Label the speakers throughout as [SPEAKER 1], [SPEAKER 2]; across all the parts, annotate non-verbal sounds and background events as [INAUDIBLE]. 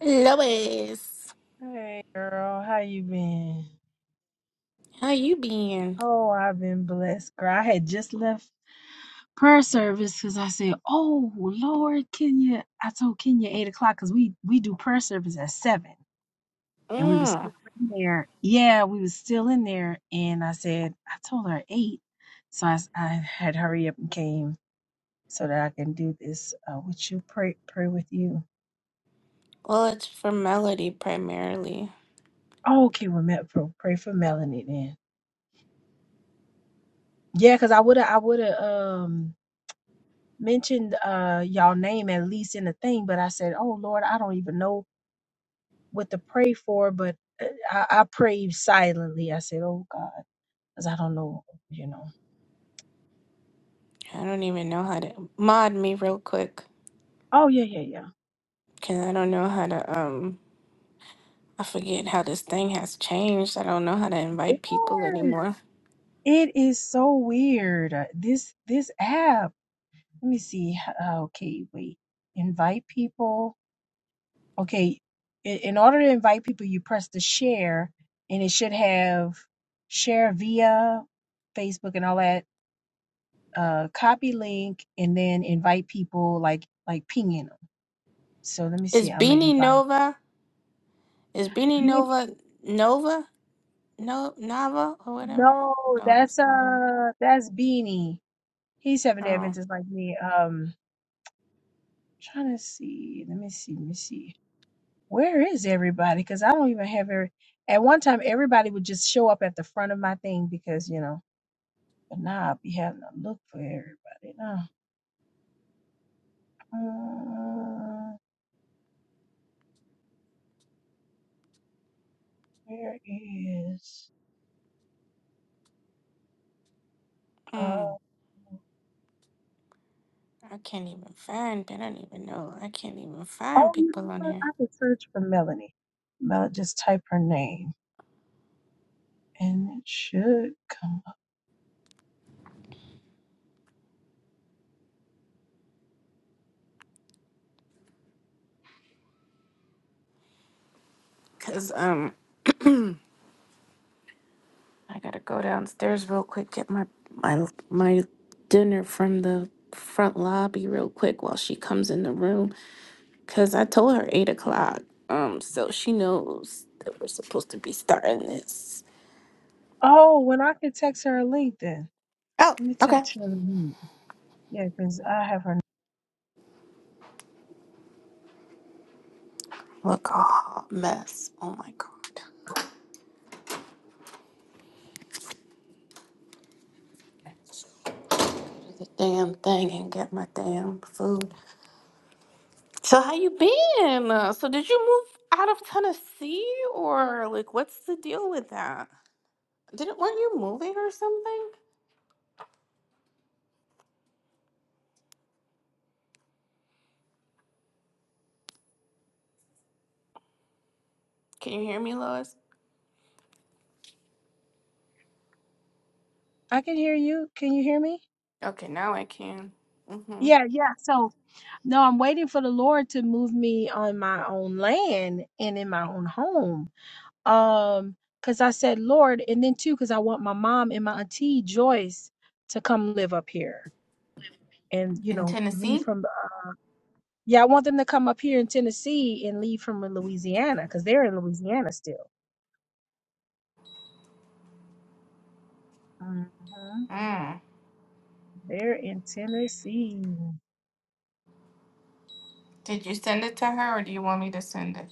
[SPEAKER 1] Lois, how you been? Mm. Well, it's for Melody primarily. I don't even know how to mod me real quick because I don't know how to um. I forget how this thing has changed. I don't know how to invite people anymore. Is Beanie Nova? Is Beanie Nova Nova? No Nava or whatever? No, that's not her. Oh, mm. I can't even find. I don't even know. I can't even find people on here. Cause um. I gotta go downstairs real quick, get my my my dinner from the front lobby real quick while she comes in the room. Cause I told her eight o'clock. Um, so she knows that we're supposed to be starting this. Oh, okay. Look a hot mess. Oh my god. Do The damn thing and get my damn food. So how you been? Uh, so did you move out of Tennessee or like what's the deal with that? Didn't weren't you moving or something? Can you hear me, Lois? Okay, now I can. Mm-hmm. In Tennessee? Mm. Did you send it to her or do you want me to send it?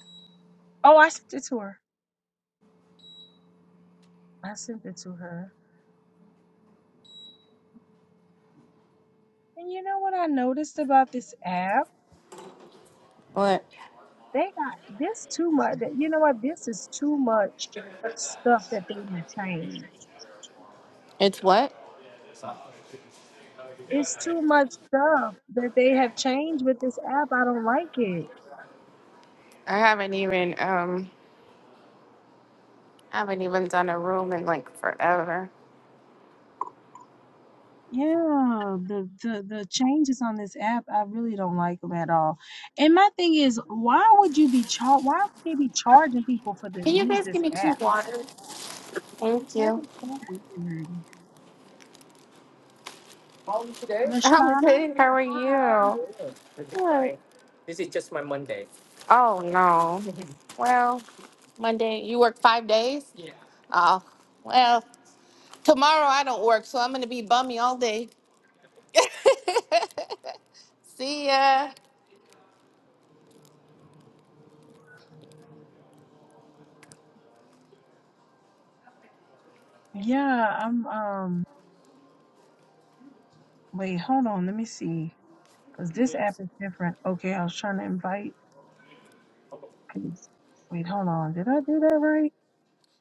[SPEAKER 1] What? It's what? I haven't even um I haven't even done a room in like forever. Can you guys give me two waters? Thank you. [LAUGHS] I'm good. How are you? Good. Oh no. Well, Monday. You work five days? Yeah. Oh, well, tomorrow I don't work, so I'm going to be bummy all day. [LAUGHS] See ya.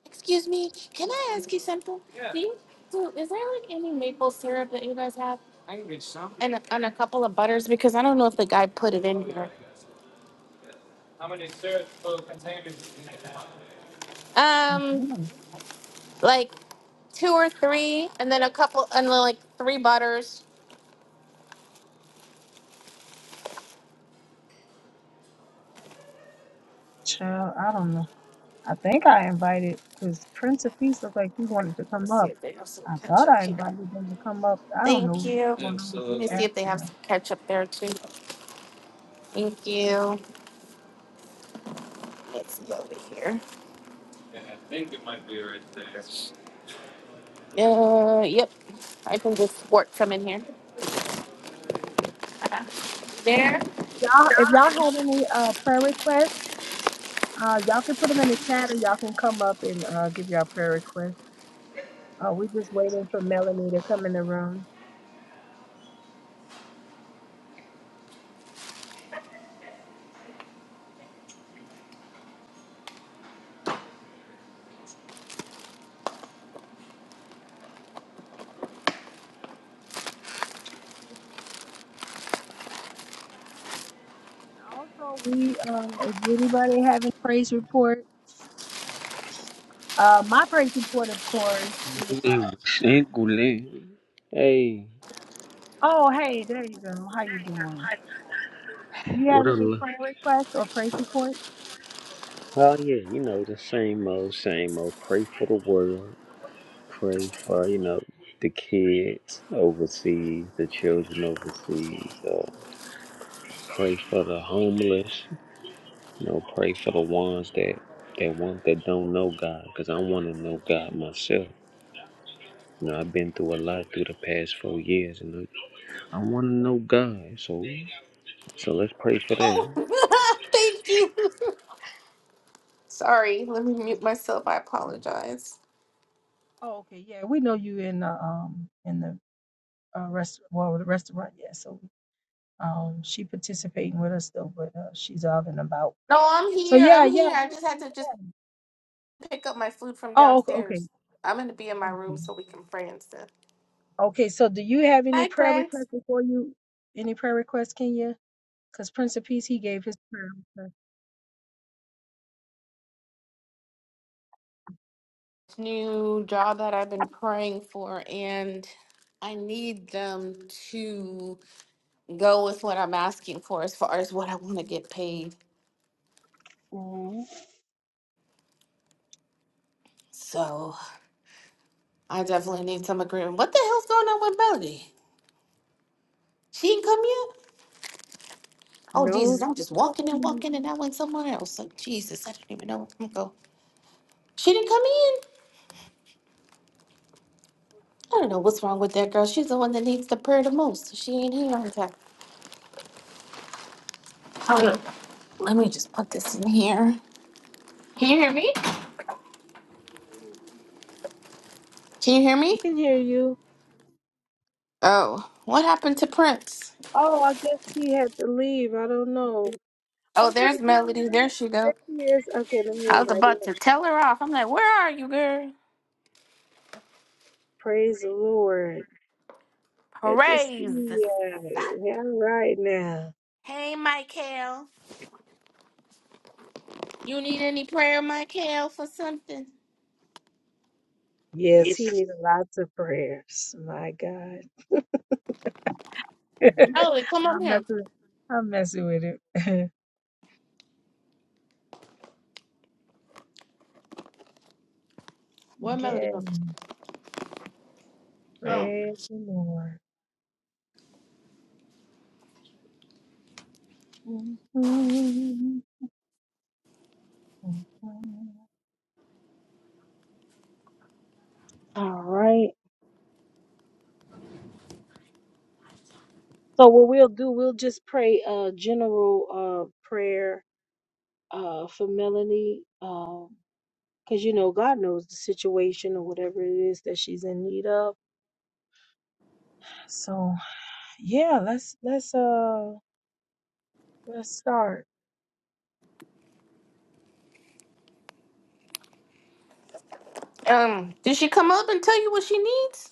[SPEAKER 1] Excuse me, can I ask you something? Yeah. Do you, so is there like any maple syrup that you guys have and and a couple of butters because I don't know if the guy put it in here. Um, like two or three, and then a couple, and then like three butters. Ketchup here. Thank you. Let me see if they have some ketchup there too. Thank you. Let's see over here. Uh, yep. I can just squirt some in here. Uh, There.
[SPEAKER 2] Singling. Hey, what a lo- oh yeah, you know the same old, same old. Pray for the world. Pray for you know the kids overseas, the children overseas. Uh, pray for the homeless. You know, pray for the ones that that want that don't know God, because I want to know God myself. You know, I've been through a lot through the past four years, and I, I want to know God. So, so let's pray for that.
[SPEAKER 1] Oh, [LAUGHS] thank you. Sorry, let me mute myself. I apologize. No, I'm here. I'm here. I just had to just pick up my food from downstairs. I'm gonna be in my room so we can pray and stuff. Hi, Prince. New job that I've been praying for, and I need them to go with what I'm asking for as far as what I want to get paid. So I definitely need some agreement. What the hell's going on with Melody? She didn't come yet? Oh Jesus, I'm just walking and walking and I went somewhere else. Like Jesus, I don't even know where I'm going. She didn't come in. I don't know what's wrong with that girl. She's the one that needs the prayer the most. so She ain't here on time. Hold on. Let me just put this in here. Can you hear me? Can you hear me? Oh, what happened to Prince? Oh, there's Melody. There she go. I was about to tell her off. I'm like, where are you, girl? Praise. Hey, Michael. You need any prayer, Michael, for something? Melody, come up here. Where Melody go? Um, did she come up and tell you what she needs?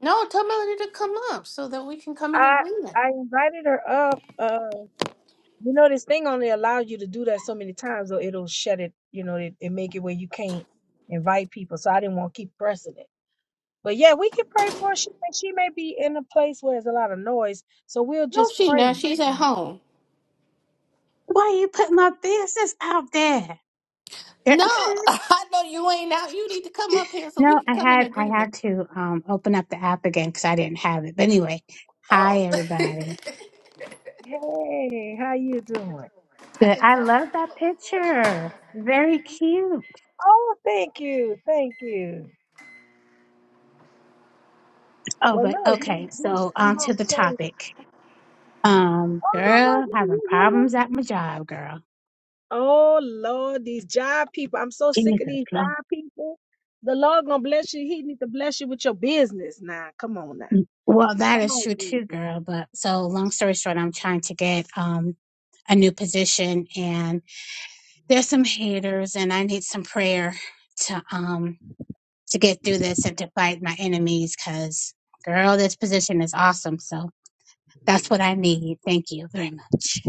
[SPEAKER 1] No, tell Melody to come up so that we can come in agreement. No, she not. She's at home.
[SPEAKER 3] Why you put my business out there? [LAUGHS]
[SPEAKER 1] No, [LAUGHS] I know you ain't out. You need to come up here so we
[SPEAKER 3] no,
[SPEAKER 1] can
[SPEAKER 3] I
[SPEAKER 1] come in
[SPEAKER 3] had I
[SPEAKER 1] agreement.
[SPEAKER 3] had to um open up the app again because I didn't have it. But anyway, hi
[SPEAKER 1] Oh. [LAUGHS] I
[SPEAKER 3] everybody. Good.
[SPEAKER 1] didn't
[SPEAKER 3] I
[SPEAKER 1] tell her.
[SPEAKER 3] love that
[SPEAKER 1] that.
[SPEAKER 3] picture. Very cute. Oh, but okay. So on to the topic. Um, girl, having problems at my job, girl. Jesus, Lord. Well, that is true too, girl. But so long story short, I'm trying to get um a new position and. there's some haters and I need some prayer to um to get through this and to fight my enemies cuz girl this position is awesome so that's what I need. Thank you very much.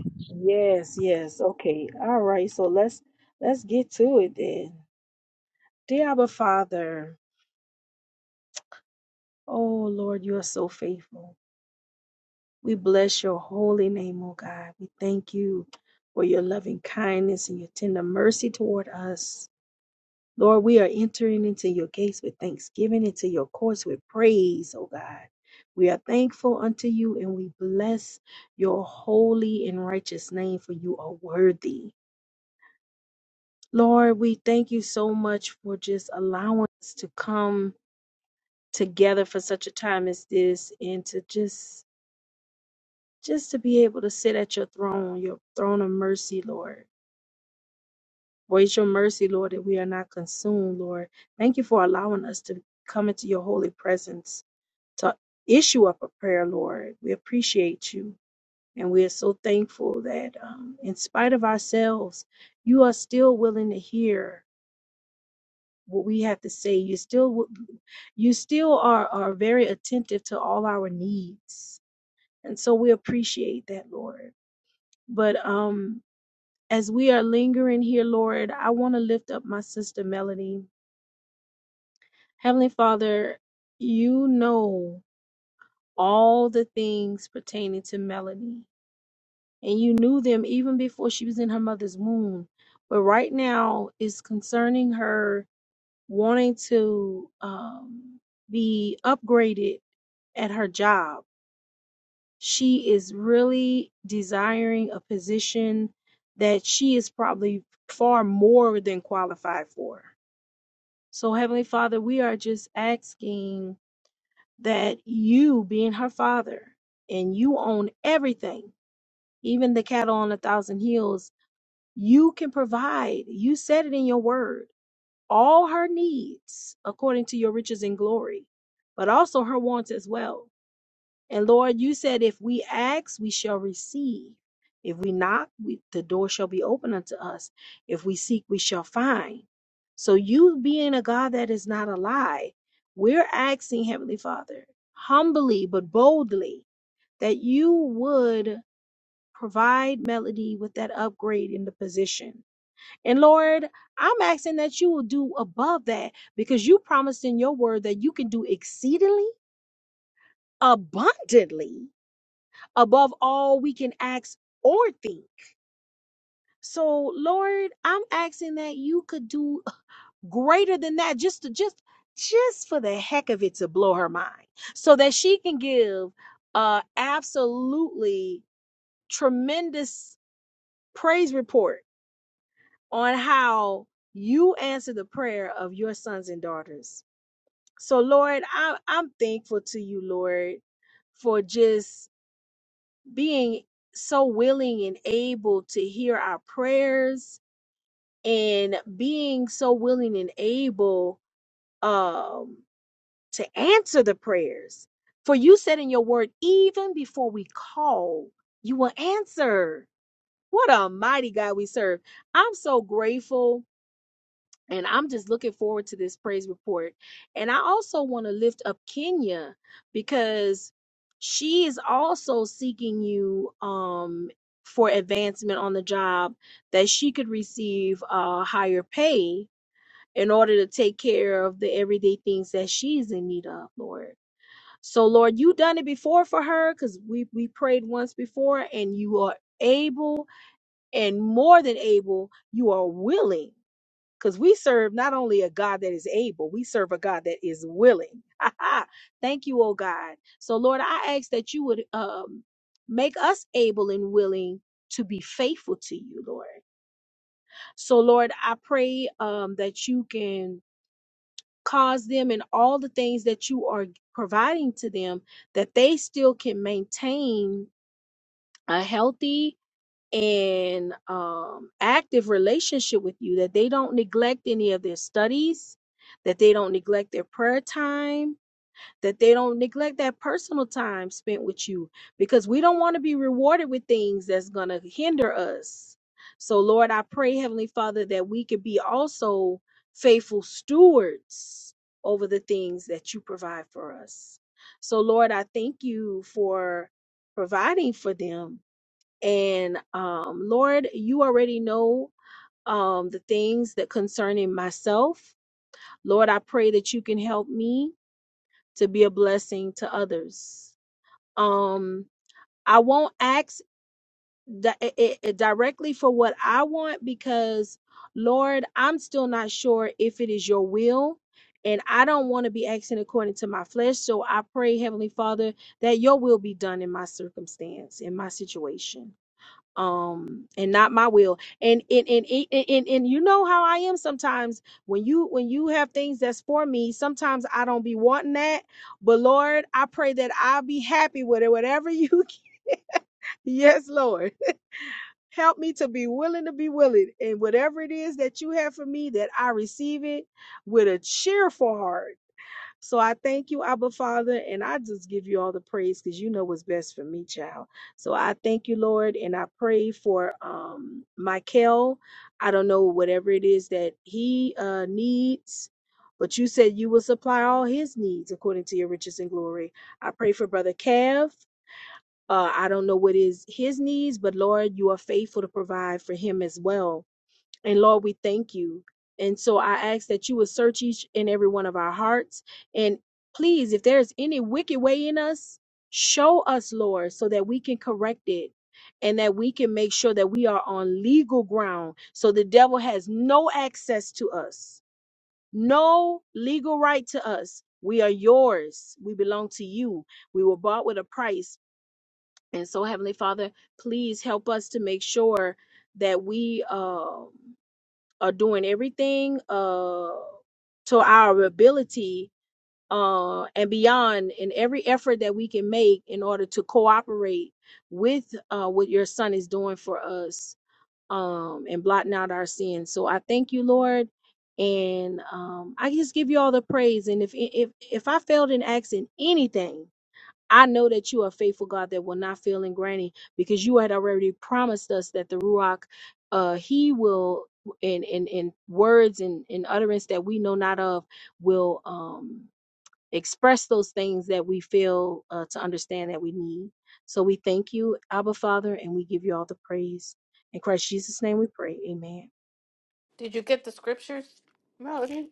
[SPEAKER 1] Did you get the scriptures, Melody?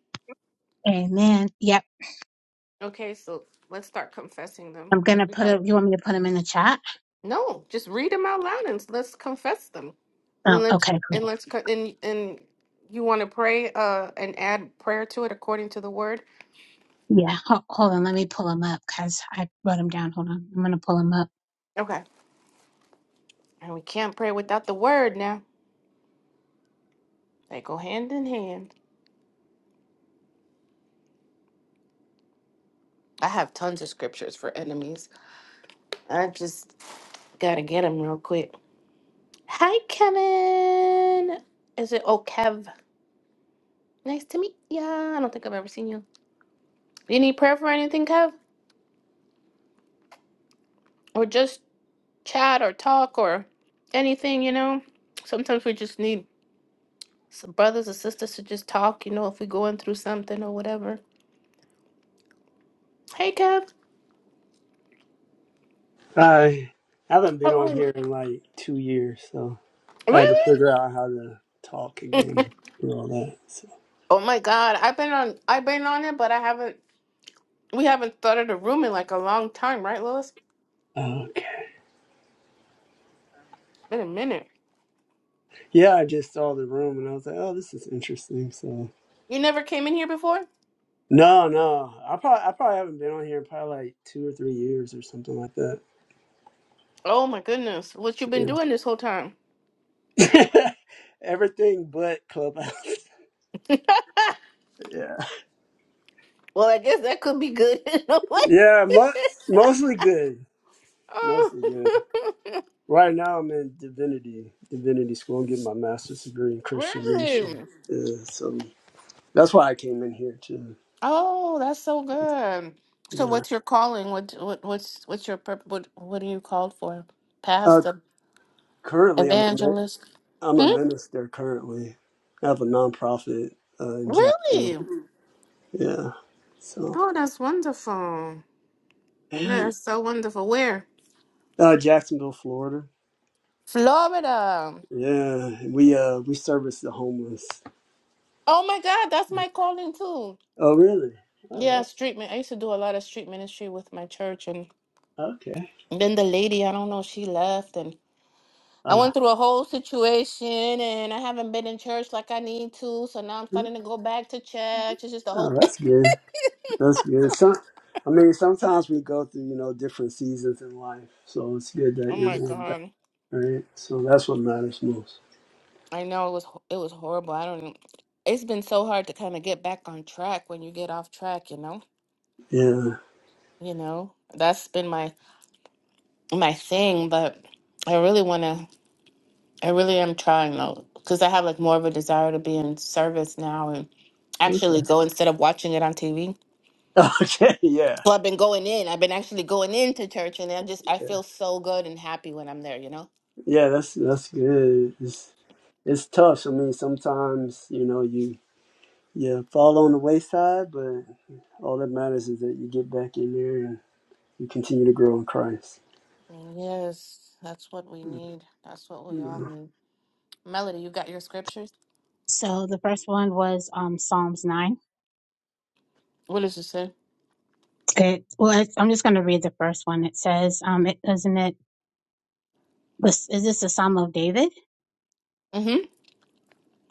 [SPEAKER 3] Amen. Yep.
[SPEAKER 1] Okay, so let's start confessing them
[SPEAKER 3] I'm going
[SPEAKER 1] because
[SPEAKER 3] to
[SPEAKER 1] we
[SPEAKER 3] put
[SPEAKER 1] gotta.
[SPEAKER 3] it you want me to put them in the chat?
[SPEAKER 1] No, just read them out loud and let's confess them.
[SPEAKER 3] Oh,
[SPEAKER 1] And let's
[SPEAKER 3] okay. cool.
[SPEAKER 1] and let's co- and and you want to pray uh and add prayer to it according to the word.
[SPEAKER 3] Yeah. Ho- hold on, let me pull them up cuz I wrote them down. Hold on. I'm going to pull them up.
[SPEAKER 1] Okay, and we can't pray without the word They go hand in hand. I have tons of scriptures for enemies. I just gotta get them real quick. Hi, Kevin. Is it oh Kev? Nice to meet ya. I don't think I've ever seen you. You need prayer for anything, Kev? Or just chat or talk or anything, you know? Sometimes we just need some brothers or sisters to just talk, you know, if we're going through something or whatever. Hey, Kev.
[SPEAKER 4] Uh, I haven't been
[SPEAKER 1] How
[SPEAKER 4] on
[SPEAKER 1] are you?
[SPEAKER 4] here in like two years, so I had to
[SPEAKER 1] Really?
[SPEAKER 4] figure out how to talk again and all that. So,
[SPEAKER 1] Oh my God, I've been on. I've been on it, but I haven't. We haven't started a room in like a long time, right, Lois?
[SPEAKER 4] okay.
[SPEAKER 1] Been a minute.
[SPEAKER 4] Yeah, I just saw the room and I was like, oh, this is interesting. So,
[SPEAKER 1] You never came in here before?
[SPEAKER 4] no, no, I probably, I probably haven't been on here in probably like two or three years or something like that.
[SPEAKER 1] Oh my goodness. What you been doing this whole time?
[SPEAKER 4] Yeah. [LAUGHS] Everything but Clubhouse. [LAUGHS] yeah.
[SPEAKER 1] Well, I guess that could be good [LAUGHS] in a way.
[SPEAKER 4] Yeah, mo- mostly good.
[SPEAKER 1] Oh.
[SPEAKER 4] Mostly good.
[SPEAKER 1] [LAUGHS]
[SPEAKER 4] Right now, I'm in divinity, divinity school. I'm getting my master's degree in Christian ministry.
[SPEAKER 1] really?
[SPEAKER 4] Yeah, so that's why I came in here too.
[SPEAKER 1] Oh, that's so good. So
[SPEAKER 4] Yeah.
[SPEAKER 1] what's your calling? What what what's what's your purp what what are you called for?
[SPEAKER 4] Uh,
[SPEAKER 1] Pastor,
[SPEAKER 4] currently, I'm a min-
[SPEAKER 1] evangelist?
[SPEAKER 4] I'm a
[SPEAKER 1] Hmm?
[SPEAKER 4] minister. Currently, I have a nonprofit uh, in Jacksonville.
[SPEAKER 1] Really?
[SPEAKER 4] Yeah, so
[SPEAKER 1] Oh, that's wonderful.
[SPEAKER 4] yeah.
[SPEAKER 1] That's so wonderful. Where?
[SPEAKER 4] Uh, Jacksonville, Florida.
[SPEAKER 1] Florida.
[SPEAKER 4] Yeah, we uh we service the homeless.
[SPEAKER 1] Oh my God, that's my calling too.
[SPEAKER 4] Oh, really?
[SPEAKER 1] Yeah,
[SPEAKER 4] Oh,
[SPEAKER 1] street min I used to do a lot of street ministry with my church, and
[SPEAKER 4] okay.
[SPEAKER 1] then the lady, I don't know, she left, and I
[SPEAKER 4] Uh,
[SPEAKER 1] went through a whole situation, and I haven't been in church like I need to, so now I'm starting to go back to church. It's just the whole
[SPEAKER 4] oh,
[SPEAKER 1] thing. [LAUGHS] [COUGHS]
[SPEAKER 4] that's good. That's good. Some, I mean, sometimes we go through, you know, different seasons in life. So it's good that
[SPEAKER 1] Oh
[SPEAKER 4] you're
[SPEAKER 1] my
[SPEAKER 4] going back,
[SPEAKER 1] God,
[SPEAKER 4] right? So that's what matters most.
[SPEAKER 1] I know it was ho- it was horrible. I don't. It's been so hard to kind of get back on track when you get off track, you know.
[SPEAKER 4] Yeah.
[SPEAKER 1] You know, that's been my my thing, but I really want to. I really am trying though, because I have like more of a desire to be in service now and
[SPEAKER 4] Okay.
[SPEAKER 1] actually go instead of watching it on TV.
[SPEAKER 4] [LAUGHS] Okay. Yeah.
[SPEAKER 1] So I've been going in. I've been actually going into church, and I just I feel so good and happy when I'm there. You know.
[SPEAKER 4] Yeah. That's that's good. It's it's tough. I mean, sometimes you know you you fall on the wayside, but all that matters is that you get back in there and you continue to grow in Christ.
[SPEAKER 1] Yes, that's what we need. That's what we all
[SPEAKER 4] Yeah.
[SPEAKER 1] need. Melody, you got your scriptures.
[SPEAKER 3] So the first one was um Psalms 9
[SPEAKER 1] What does it say?
[SPEAKER 3] It, well, I- I'm just going to read the first one. It says, um, it, isn't it, this, is this a Psalm of David?
[SPEAKER 1] Mm-hmm.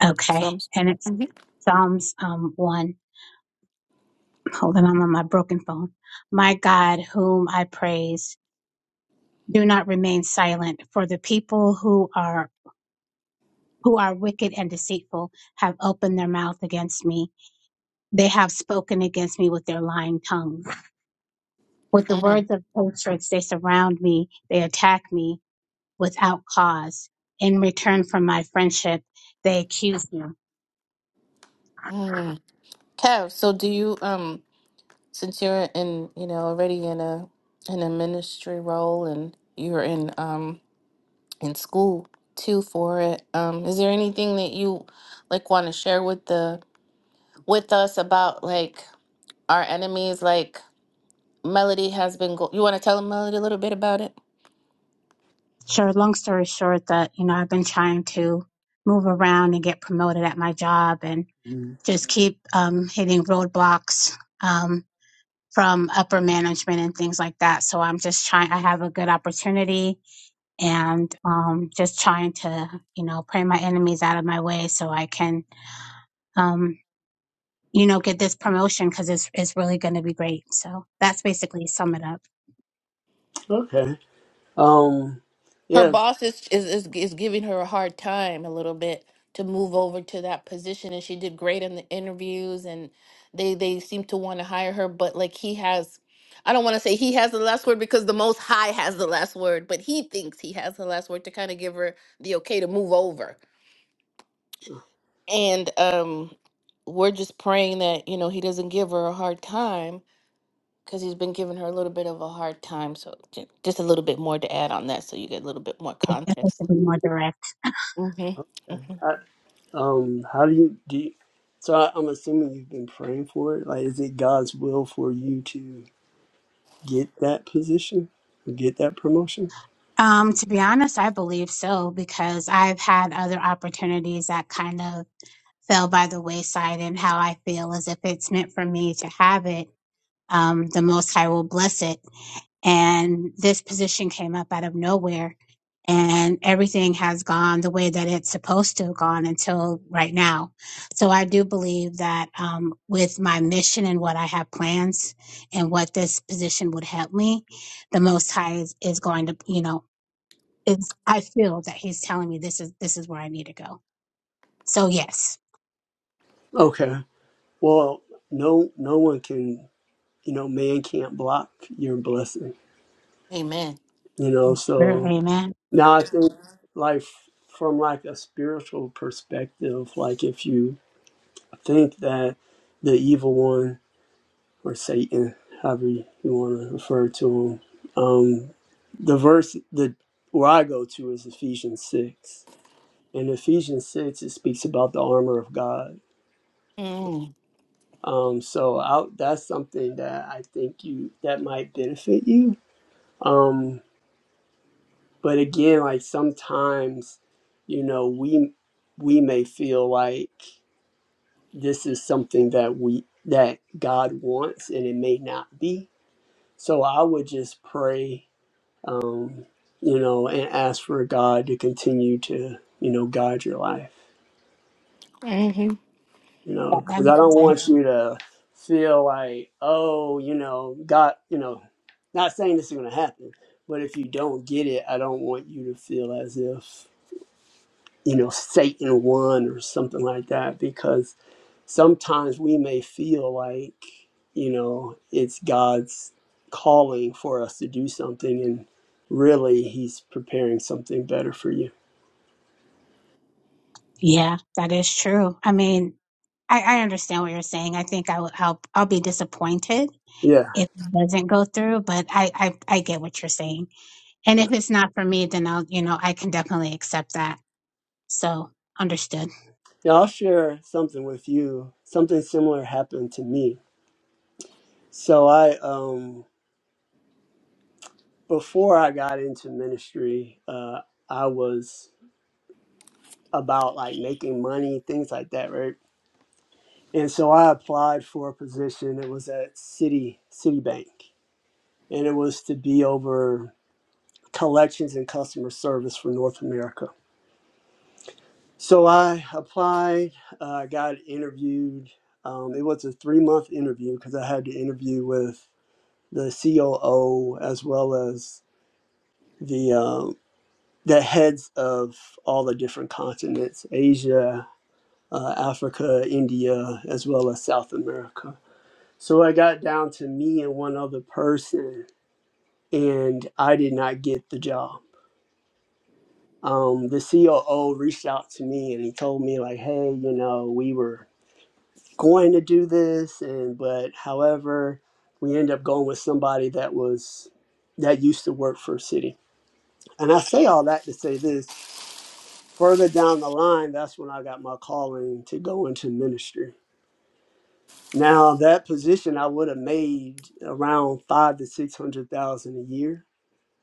[SPEAKER 3] Okay.
[SPEAKER 1] Psalms.
[SPEAKER 3] And it's
[SPEAKER 1] Mm-hmm.
[SPEAKER 3] Psalms, um, one. Hold on, I'm on my broken phone. My God, whom I praise, do not remain silent for the people who are, who are wicked and deceitful have opened their mouth against me. They have spoken against me with their lying tongues. With the
[SPEAKER 1] Mm-hmm.
[SPEAKER 3] words of hatred, they surround me. They attack me without cause. In return for my friendship, they accused me.
[SPEAKER 1] mm Kev, so do you um since you're in you know already in a in a ministry role and you're in um in school too for it. Um, is there anything that you like want to share with the with us about like our enemies? Like Melody has been. Go- you want to tell Melody a little bit about it?
[SPEAKER 3] Sure, long story short, that, you know, I've been trying to move around and get promoted at my job and
[SPEAKER 4] Mm.
[SPEAKER 3] just keep um, hitting roadblocks um, from upper management and things like that. So I'm just trying, I have a good opportunity and um, just trying to, you know, pray my enemies out of my way so I can, um, you know, get this promotion because it's, it's really going to be great. So that's basically sum it up.
[SPEAKER 4] Okay. Um.
[SPEAKER 1] Her
[SPEAKER 4] Yes.
[SPEAKER 1] boss is, is is is giving her a hard time a little bit to move over to that position, and she did great in the interviews, and they they seem to want to hire her, but like he has. I don't want to say he has the last word because the Most High has the last word, but he thinks he has the last word to kind of give her the okay to move over and um we're just praying that you know he doesn't give her a hard time because he's been giving her a little bit of a hard time so ju- just a little bit more to add on that so you get a little bit more
[SPEAKER 3] Yeah,
[SPEAKER 1] context
[SPEAKER 3] to be more direct.
[SPEAKER 1] hmm
[SPEAKER 4] Okay.
[SPEAKER 1] hmm
[SPEAKER 4] Um, how do you do? You, so I, I'm assuming you've been praying for it. Like, is it God's will for you to get that position, or get that promotion?
[SPEAKER 3] Um, to be honest, I believe so because I've had other opportunities that kind of fell by the wayside, and how I feel is if it's meant for me to have it, um, the Most High will bless it. and this position came up out of nowhere and everything has gone the way that it's supposed to have gone until right now so i do believe that um, with my mission and what i have plans and what this position would help me the most high is, is going to you know it's i feel that he's telling me this is this is where i need to go so yes
[SPEAKER 4] Okay. Well, no, no one can. You know, man can't block your blessing.
[SPEAKER 1] amen
[SPEAKER 4] You know,
[SPEAKER 3] Sure.
[SPEAKER 4] so
[SPEAKER 3] amen
[SPEAKER 4] now I think, like, from like a spiritual perspective, like if you think that the evil one or Satan, however you want to refer to him. Um, the verse that where I go to is Ephesians six, and Ephesians six it speaks about the armor of God.
[SPEAKER 1] mm-hmm.
[SPEAKER 4] Um, so I, that's something that I think you that might benefit you. Um, but again, like sometimes, you know, we we may feel like this is something that we that God wants, and it may not be. So I would just pray um, you know, and ask for God to continue to, you know, guide your life, you
[SPEAKER 3] that,
[SPEAKER 4] know,
[SPEAKER 3] that
[SPEAKER 4] because I
[SPEAKER 3] makes
[SPEAKER 4] don't want
[SPEAKER 3] sense
[SPEAKER 4] you to feel like, oh, you know, God, you know, not saying this is going to happen, but if you don't get it, I don't want you to feel as if, you know, Satan won or something like that, because sometimes we may feel like, you know, it's God's calling for us to do something and really he's preparing something better for you.
[SPEAKER 3] yeah that is true i mean I, I understand what you're saying. I think I will help. I'll be disappointed
[SPEAKER 4] Yeah.
[SPEAKER 3] if it doesn't go through, but I, I I get what you're saying. And
[SPEAKER 4] Yeah,
[SPEAKER 3] if it's not for me, then I'll you know I can definitely accept that. So understood.
[SPEAKER 4] Yeah, I'll share something with you. Something similar happened to me. So I um before I got into ministry, uh I was about like making money, things like that, right? And so I applied for a position. It was at City Citibank. And it was to be over collections and customer service for North America. So I applied, uh, got interviewed. Um, it was a three month interview because I had to interview with the COO, as well as the um, the heads of all the different continents: Asia, uh, Africa, India, as well as South America. So I got down to me and one other person, and I did not get the job. Um, the COO reached out to me and he told me like, "Hey, you know, we were going to do this, and but however, we ended up going with somebody that was that used to work for Citi." And I say all that to say this further down the line, that's when I got my calling to go into ministry. Now, that position I would have made around five to 600,000 a year.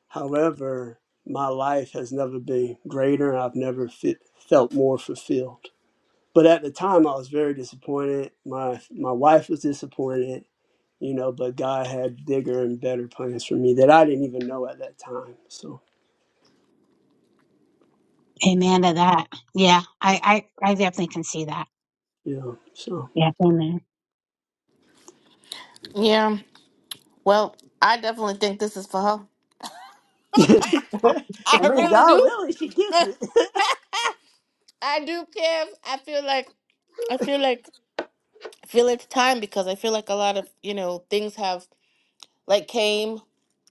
[SPEAKER 4] However, my life has never been greater. and I've never fit, felt more fulfilled. But at the time, I was very disappointed. My, my wife was disappointed, you know, but God had bigger and better plans for me that I didn't even know at that time. So,
[SPEAKER 3] Amen to that. Yeah, I I, I definitely can see that.
[SPEAKER 4] yeah, so.
[SPEAKER 3] Yeah, amen.
[SPEAKER 1] yeah well i definitely think this is for her
[SPEAKER 4] [LAUGHS]
[SPEAKER 1] [LAUGHS]
[SPEAKER 4] I
[SPEAKER 1] i
[SPEAKER 4] mean,
[SPEAKER 1] really
[SPEAKER 4] God
[SPEAKER 1] do
[SPEAKER 4] willing, she gets it.
[SPEAKER 1] [LAUGHS] i do Kev. i feel like i feel like I feel it's time because i feel like a lot of you know things have like came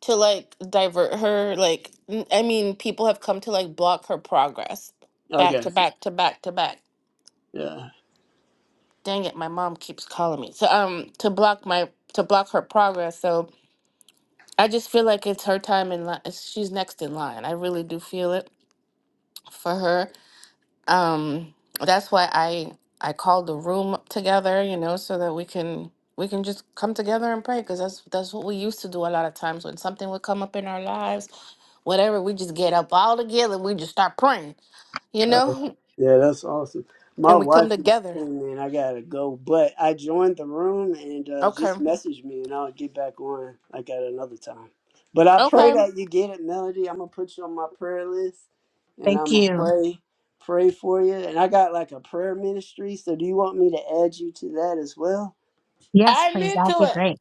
[SPEAKER 1] to like divert her like n- i mean people have come to like block her progress
[SPEAKER 4] [LAUGHS] I
[SPEAKER 1] back to
[SPEAKER 4] guess.
[SPEAKER 1] back to back to back
[SPEAKER 4] Yeah.
[SPEAKER 1] dang it my mom keeps calling me so um to block my to block her progress so i just feel like it's her time in line she's next in line i really do feel it for her um that's why i i called the room together you know so that we can we can just come together and pray because that's that's what we used to do a lot of times when something would come up in our lives whatever. We just get up all together. We just start praying, you
[SPEAKER 4] Uh,
[SPEAKER 1] know,
[SPEAKER 4] yeah, that's awesome.
[SPEAKER 1] [LAUGHS]
[SPEAKER 4] My
[SPEAKER 1] and we come
[SPEAKER 4] wife just
[SPEAKER 1] together.
[SPEAKER 4] came in. I gotta go, but I joined the room and uh,
[SPEAKER 1] Okay.
[SPEAKER 4] just message me, and I'll get back on. I got another time. But I pray
[SPEAKER 1] Okay.
[SPEAKER 4] that you get it, Melody. I'm gonna put you on my prayer list, and I'm
[SPEAKER 3] Thank
[SPEAKER 4] gonna
[SPEAKER 3] you.
[SPEAKER 4] pray, pray for you. And I got like a prayer ministry. So do you want me to add you to that as well?
[SPEAKER 3] Yes,
[SPEAKER 1] I'm
[SPEAKER 3] please. That'd
[SPEAKER 1] into
[SPEAKER 3] be
[SPEAKER 1] it.
[SPEAKER 3] great.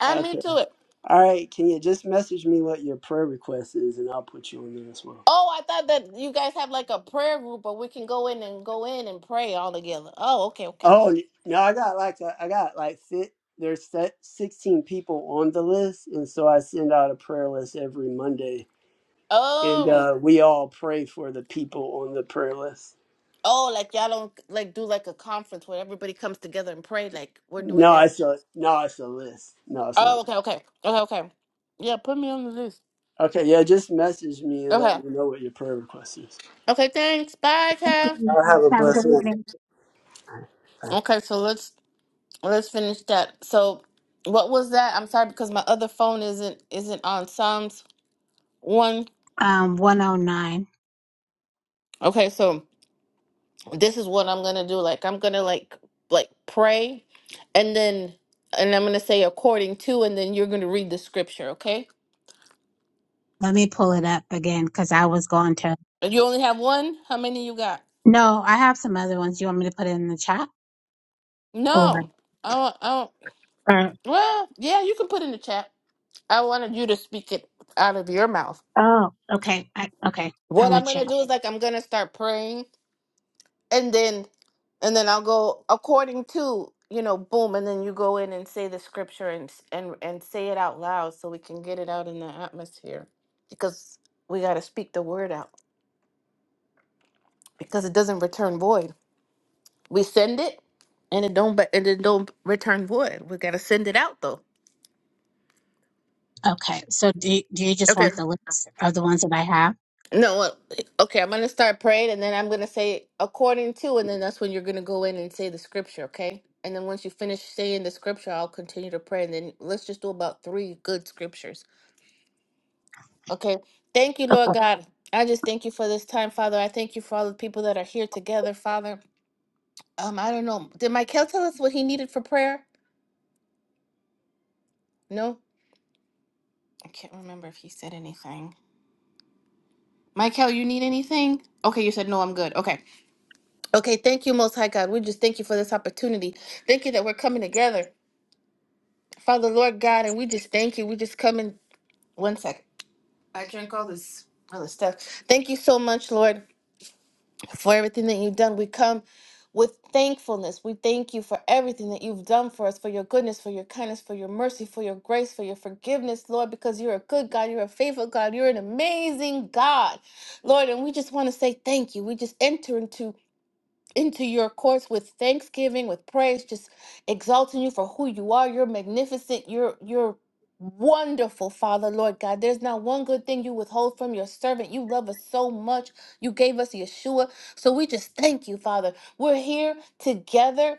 [SPEAKER 1] I'm
[SPEAKER 4] Okay.
[SPEAKER 1] into it.
[SPEAKER 4] All right. Can you just message me what your prayer request is, and I'll put you on there as well.
[SPEAKER 1] Oh, I thought that you guys have like a prayer group, but we can go in and go in and pray all together. Oh, okay, okay.
[SPEAKER 4] Oh no, I got like a, I got like fit. There's se- 16 people on the list, and so I send out a prayer list every Monday, and
[SPEAKER 1] Oh,
[SPEAKER 4] uh, we all pray for the people on the prayer list.
[SPEAKER 1] oh, like y'all don't like do like a conference where everybody comes together and pray like we're doing
[SPEAKER 4] No,
[SPEAKER 1] now.
[SPEAKER 4] it's a no, it's a list. No, it's not.
[SPEAKER 1] Oh, okay, okay, okay, okay. Yeah, put me on the list.
[SPEAKER 4] Okay, yeah, just message me and let me
[SPEAKER 1] Okay,
[SPEAKER 4] know what your prayer request is.
[SPEAKER 1] okay. Thanks. Bye,
[SPEAKER 3] Thank
[SPEAKER 1] Kev.
[SPEAKER 3] you.
[SPEAKER 4] I'll have a
[SPEAKER 3] Have a good
[SPEAKER 4] blessed one.
[SPEAKER 3] evening.
[SPEAKER 1] Okay, so let's let's finish that. So, what was that? I'm sorry because my other phone isn't isn't on Psalms one.
[SPEAKER 3] Um, one oh nine.
[SPEAKER 1] Okay, so this is what I'm gonna do. Like I'm gonna like like pray, and then and I'm gonna say according to, and then you're gonna read the scripture. Okay?
[SPEAKER 3] Let me pull it up again because I was going to.
[SPEAKER 1] And you only have one. How many you got?
[SPEAKER 3] No, I have some other ones. You want me to put it in the chat or
[SPEAKER 1] No, I don't. I don't
[SPEAKER 3] or
[SPEAKER 1] well, yeah, you can put in the chat. I wanted you to speak it out of your mouth.
[SPEAKER 3] oh okay I, okay I'm
[SPEAKER 1] What I'm
[SPEAKER 3] with you.
[SPEAKER 1] gonna do is like I'm gonna start praying and then and then I'll go according to you know boom and then you go in and say the scripture and s- and and say it out loud so we can get it out in the atmosphere because we got to speak the word out because it doesn't return void we send it and it don't but and it don't return void we got to send it out though
[SPEAKER 3] Okay, so do you, do you just
[SPEAKER 1] Okay.
[SPEAKER 3] want the list of the ones that I have?
[SPEAKER 1] No, well, okay, I'm going to start praying and then I'm going to say according to, and then that's when you're going to go in and say the scripture, okay? And then once you finish saying the scripture, I'll continue to pray. And then let's just do about three good scriptures, okay? Thank you, Lord
[SPEAKER 3] Okay.
[SPEAKER 1] God. I just thank you for this time, Father. I thank you for all the people that are here together, Father. Um, I don't know. Did Michael tell us what he needed for prayer? No, I can't remember if he said anything. Michael, you need anything? Okay, you said no, I'm good. Okay. Okay, thank you, Most High God. We just thank you for this opportunity. Thank you that we're coming together, Father, Lord God, and we just thank you. We just come in one second. I drank all this other stuff. Thank you so much, Lord, for everything that you've done. We come with thankfulness. We thank you for everything that you've done for us, for your goodness, for your kindness, for your mercy, for your grace, for your forgiveness, Lord, because you're a good God, you're a faithful God, you're an amazing God, Lord. And we just want to say thank you. We just enter into into your courts with thanksgiving, with praise, just exalting you for who you are. You're magnificent. You're you're wonderful, Father, Lord God. There's not one good thing you withhold from your servant. You love us so much. You gave us Yeshua. So we just thank you, Father. We're here together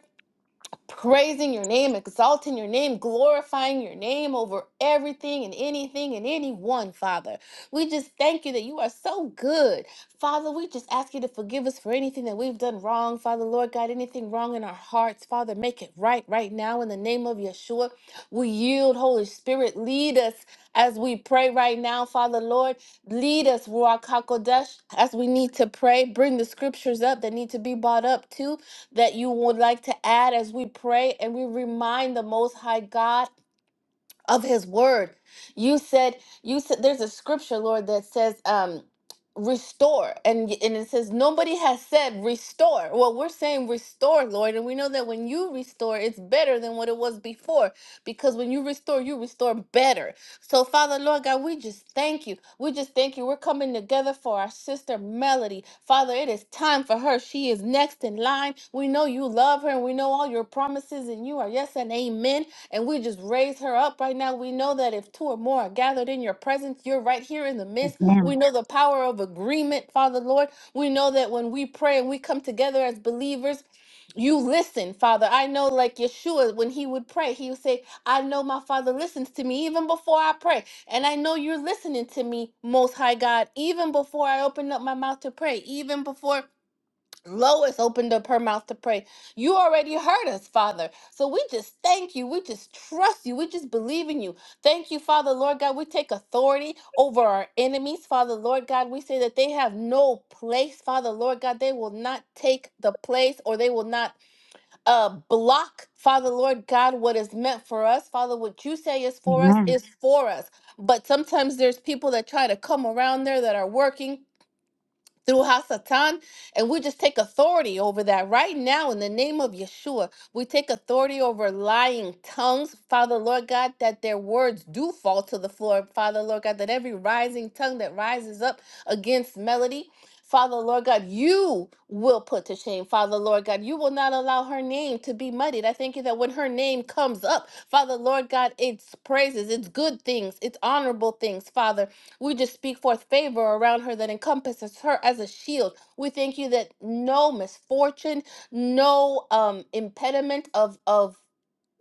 [SPEAKER 1] praising your name, exalting your name, glorifying your name over everything and anything and anyone, Father. We just thank you that you are so good. Father, we just ask you to forgive us for anything that we've done wrong. Father, Lord God, anything wrong in our hearts, Father, make it right right now in the name of Yeshua. We yield, Holy Spirit, lead us as we pray right now, Father, Lord. Lead us, Ruach HaKodesh, as we need to pray. Bring the scriptures up that need to be brought up too that you would like to add as we pray and we remind the Most High God of his word. You said you said there's a scripture, Lord, that says um restore and y- and it says nobody has said restore. Well, we're saying restore, Lord, and we know that when you restore, it's better than what it was before because when you restore, you restore better. So, Father, Lord God, we just thank you. We just thank you. We're coming together for our sister Melody. Father, it is time for her. She is next in line. We know you love her and we know all your promises and you are yes and amen. And we just raise her up right now. We know that if two or more are gathered in your presence, you're right here in the midst.
[SPEAKER 3] Amen.
[SPEAKER 1] We know the power of agreement, Father Lord. We know that when we pray and we come together as believers, you listen, Father. I know, like Yeshua, when he would pray, he would say, I know my Father listens to me even before I pray. And I know you're listening to me, Most High God, even before I open up my mouth to pray, even before Lois opened up her mouth to pray. You already heard us, Father. So we just thank you. We just trust you. We just believe in you. Thank you, Father, Lord God. We take authority over our enemies, Father, Lord God. We say that they have no place, Father, Lord God. They will not take the place or they will not uh, block, Father, Lord God, what is meant for us. Father, what you say is for us
[SPEAKER 3] Amen.
[SPEAKER 1] is for us. But sometimes there's people that try to come around there that are working through Hasatan, and we just take authority over that right now in the name of Yeshua. We take authority over lying tongues, Father Lord God, that their words do fall to the floor, Father Lord God, that every rising tongue that rises up against melody. Father Lord God, you will put to shame. Father Lord God, you will not allow her name to be muddied. I thank you that when her name comes up, Father Lord God, it's praises, it's good things, it's honorable things, Father. We just speak forth favor around her that encompasses her as a shield. We thank you that no misfortune, no um, impediment of of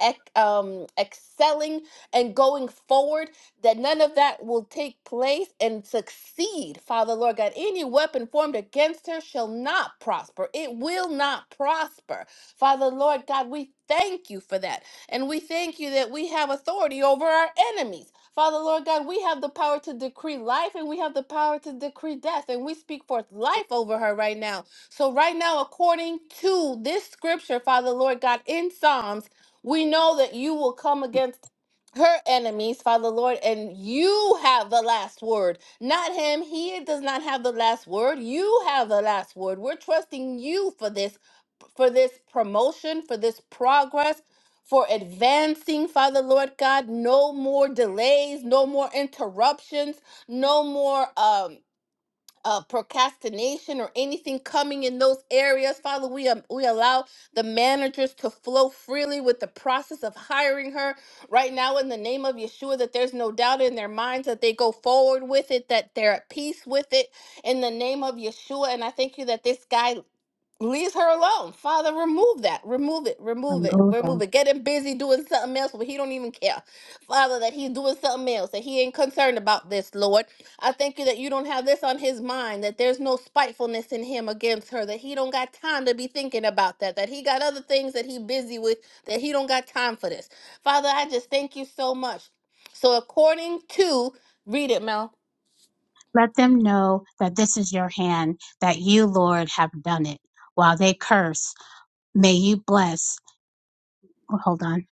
[SPEAKER 1] ec- um, excelling and going forward, that none of that will take place and succeed, Father Lord God. Any weapon formed against her shall not prosper. It will not prosper. Father Lord God, we thank you for that. And we thank you that we have authority over our enemies. Father Lord God, we have the power to decree life and we have the power to decree death. And we speak forth life over her right now. So, right now, according to this scripture, Father Lord God, in Psalms, we know that you will come against her enemies, Father Lord, and you have the last word. Not him. He does not have the last word. You have the last word. We're trusting you for this, for this promotion, for this progress. For advancing, Father Lord God, no more delays, no more interruptions, no more um uh, procrastination or anything coming in those areas. Father, we, um, we allow the managers to flow freely with the process of hiring her right now in the name of Yeshua, that there's no doubt in their minds that they go forward with it, that they're at peace with it in the name of Yeshua. And I thank you that this guy leaves her alone. Father, remove that. Remove it. Remove
[SPEAKER 3] From
[SPEAKER 1] it. Remove
[SPEAKER 3] Golden.
[SPEAKER 1] it. Get him busy doing something else where he don't even care. Father, that he's doing something else, that he ain't concerned about this, Lord. I thank you that you don't have this on his mind, that there's no spitefulness in him against her, that he don't got time to be thinking about that, that he got other things that he busy with, that he don't got time for this. Father, I just thank you so much. So according to, read it, Mel.
[SPEAKER 3] Let them know that this is your hand, that you, Lord, have done it. While they curse, may you bless. oh, Hold on.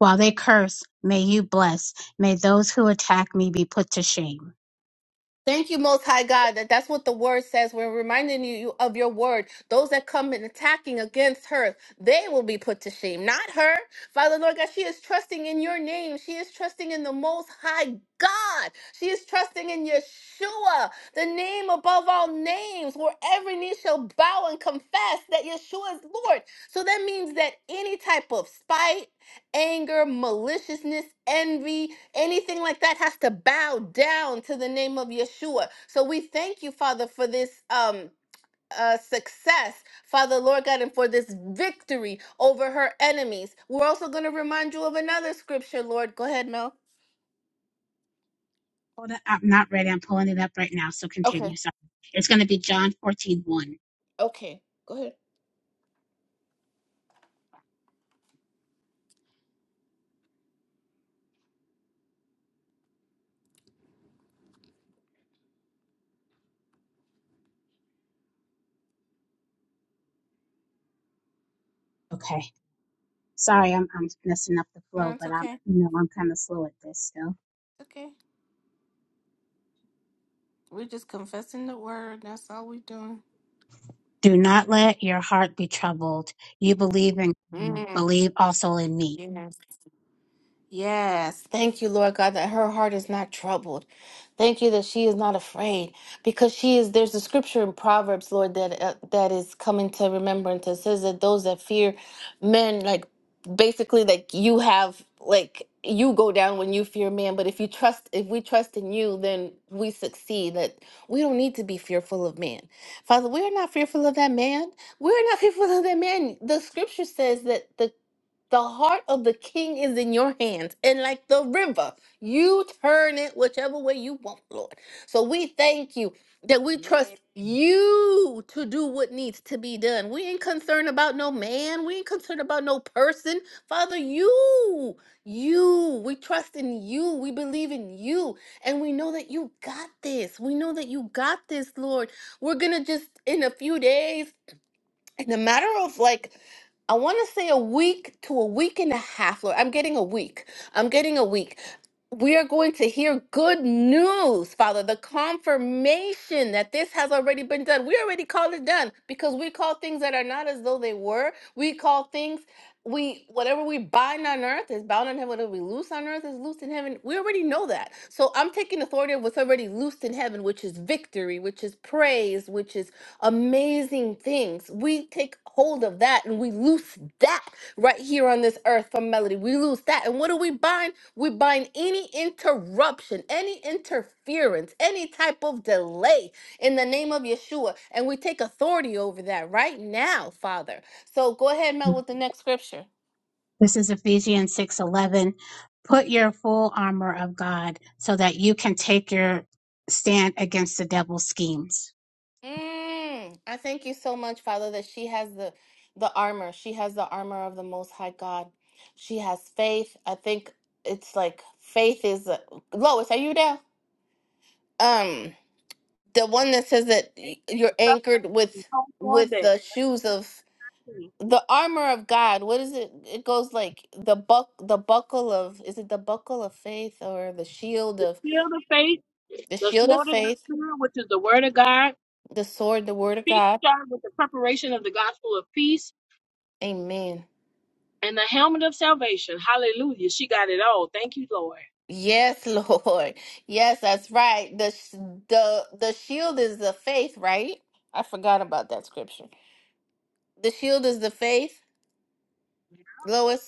[SPEAKER 3] While they curse, may you bless. May those who attack me be put to shame.
[SPEAKER 1] Thank you, Most High God, that that's what the word says. We're reminding you of your word. Those that come and attacking against her, they will be put to shame, not her. Father, Lord God, she is trusting in your name. She is trusting in the Most High God. She is trusting in Yeshua, the name above all names, where every knee shall bow and confess that Yeshua is Lord. So that means that any type of spite, anger, maliciousness, envy, anything like that has to bow down to the name of Yeshua. So we thank you, Father, for this um uh success, Father Lord God, and for this victory over her enemies. We're also going to remind you of another scripture, Lord. Go ahead, Mel.
[SPEAKER 3] Hold it. I'm not ready. I'm pulling it up right now. So
[SPEAKER 1] Okay.
[SPEAKER 3] continue. So it's going to be John 14, one.
[SPEAKER 1] Okay. Go ahead.
[SPEAKER 3] Okay. Sorry, I'm, I'm messing up the
[SPEAKER 1] No,
[SPEAKER 3] flow,
[SPEAKER 1] it's
[SPEAKER 3] but I'm,
[SPEAKER 1] okay.
[SPEAKER 3] you know, I'm kind of slow at this still.
[SPEAKER 1] It's okay. We're just confessing the word. That's all we're doing.
[SPEAKER 3] Do not let your heart be troubled. You believe in,
[SPEAKER 1] Mm,
[SPEAKER 3] believe also in me.
[SPEAKER 1] yes. Yes, thank you, Lord God, that her heart is not troubled. Thank you that she is not afraid because she is. There's a scripture in Proverbs, Lord, that uh, that is coming to remembrance. It says that those that fear men, like basically, like you have, like you go down when you fear man. But if you trust, if we trust in you, then we succeed. That we don't need to be fearful of man. Father, we are not fearful of that man. We are not [LAUGHS] fearful of that man. The scripture says that the the heart of the king is in your hands, and like the river, you turn it whichever way you want, Lord. So we thank you that we trust you to do what needs to be done. We ain't concerned about no man, we ain't concerned about no person. Father, you, you, we trust in you, we believe in you, and we know that you got this. We know that you got this, Lord. We're gonna just in a few days in a matter of like I want to say a week to a week and a half, Lord. I'm getting a week. I'm getting a week. We are going to hear good news, Father, the confirmation that this has already been done. We already called it done because we call things that are not as though they were. We call things we whatever we bind on earth is bound in heaven. Whatever we loose on earth is loosed in heaven. We already know that. So I'm taking authority of what's already loosed in heaven, which is victory, which is praise, which is amazing things. We take hold of that and we loose that right here on this earth from Melody. We loose that. And what do we bind? We bind any interruption, any interference, any type of delay in the name of Yeshua. And we take authority over that right now, Father. So go ahead, Mel, with the next scripture.
[SPEAKER 3] This is Ephesians 6:11. Put your full armor of God so that you can take your stand against the devil's schemes.
[SPEAKER 1] Mm. I thank you so much, Father, that she has the the armor. She has the armor of the Most High God. She has faith. I think it's like faith is a, Lois. Are you there? Um, the one that says that y- you're anchored with with the shoes of the armor of God. What is it? It goes like the buck the buckle of is it the buckle of faith or the shield of the shield of faith, the sword, the word of God. Amen. Yes, [LAUGHS] Lord. Yes, that's right. The sh- the the shield is the faith, right? I forgot about that scripture. The shield is the faith, Lois.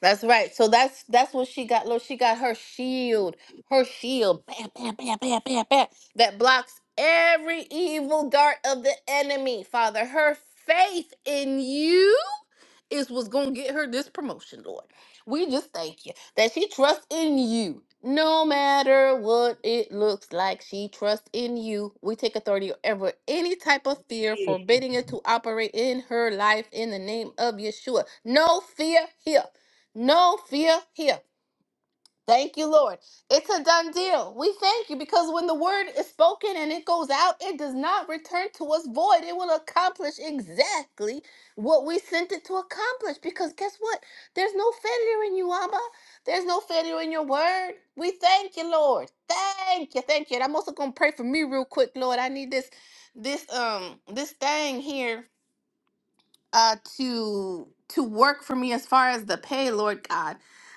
[SPEAKER 1] That's right. So that's that's what she got. Look, she got her shield, her shield, bam, bam, bam, bam, bam, bam, that blocks every evil dart of the enemy. Father, her faith in you is what's gonna get her this promotion, Lord. We just thank you that she trusts in you. No matter what it looks like, she trusts in you. We take authority over any type of fear, forbidding it to operate in her life in the name of Yeshua. No fear here. No fear here. Thank you, Lord. It's a done deal. We thank you because when the word is spoken and it goes out, it does not return to us void. It will accomplish exactly what we sent it to accomplish. Because guess what? There's no failure in you, Abba. There's no failure in your word. We thank you, Lord. Thank you. Thank you. And I'm also gonna pray for me real quick, Lord. I need this this um this thing here uh to to work for me as far as the pay lord god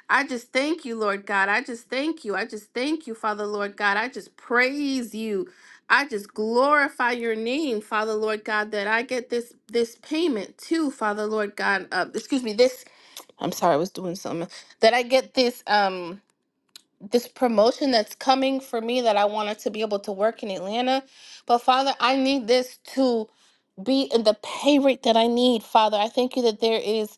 [SPEAKER 1] i just thank you lord god i just thank you i just thank you father lord god i just praise you i just glorify your name father lord god that i get this this payment too father lord god uh, excuse me this i'm sorry i was doing something that i get this um this promotion that's coming for me that i wanted to be able to work in atlanta but father i need this too be in the pay rate that I need, Father. I thank you that there is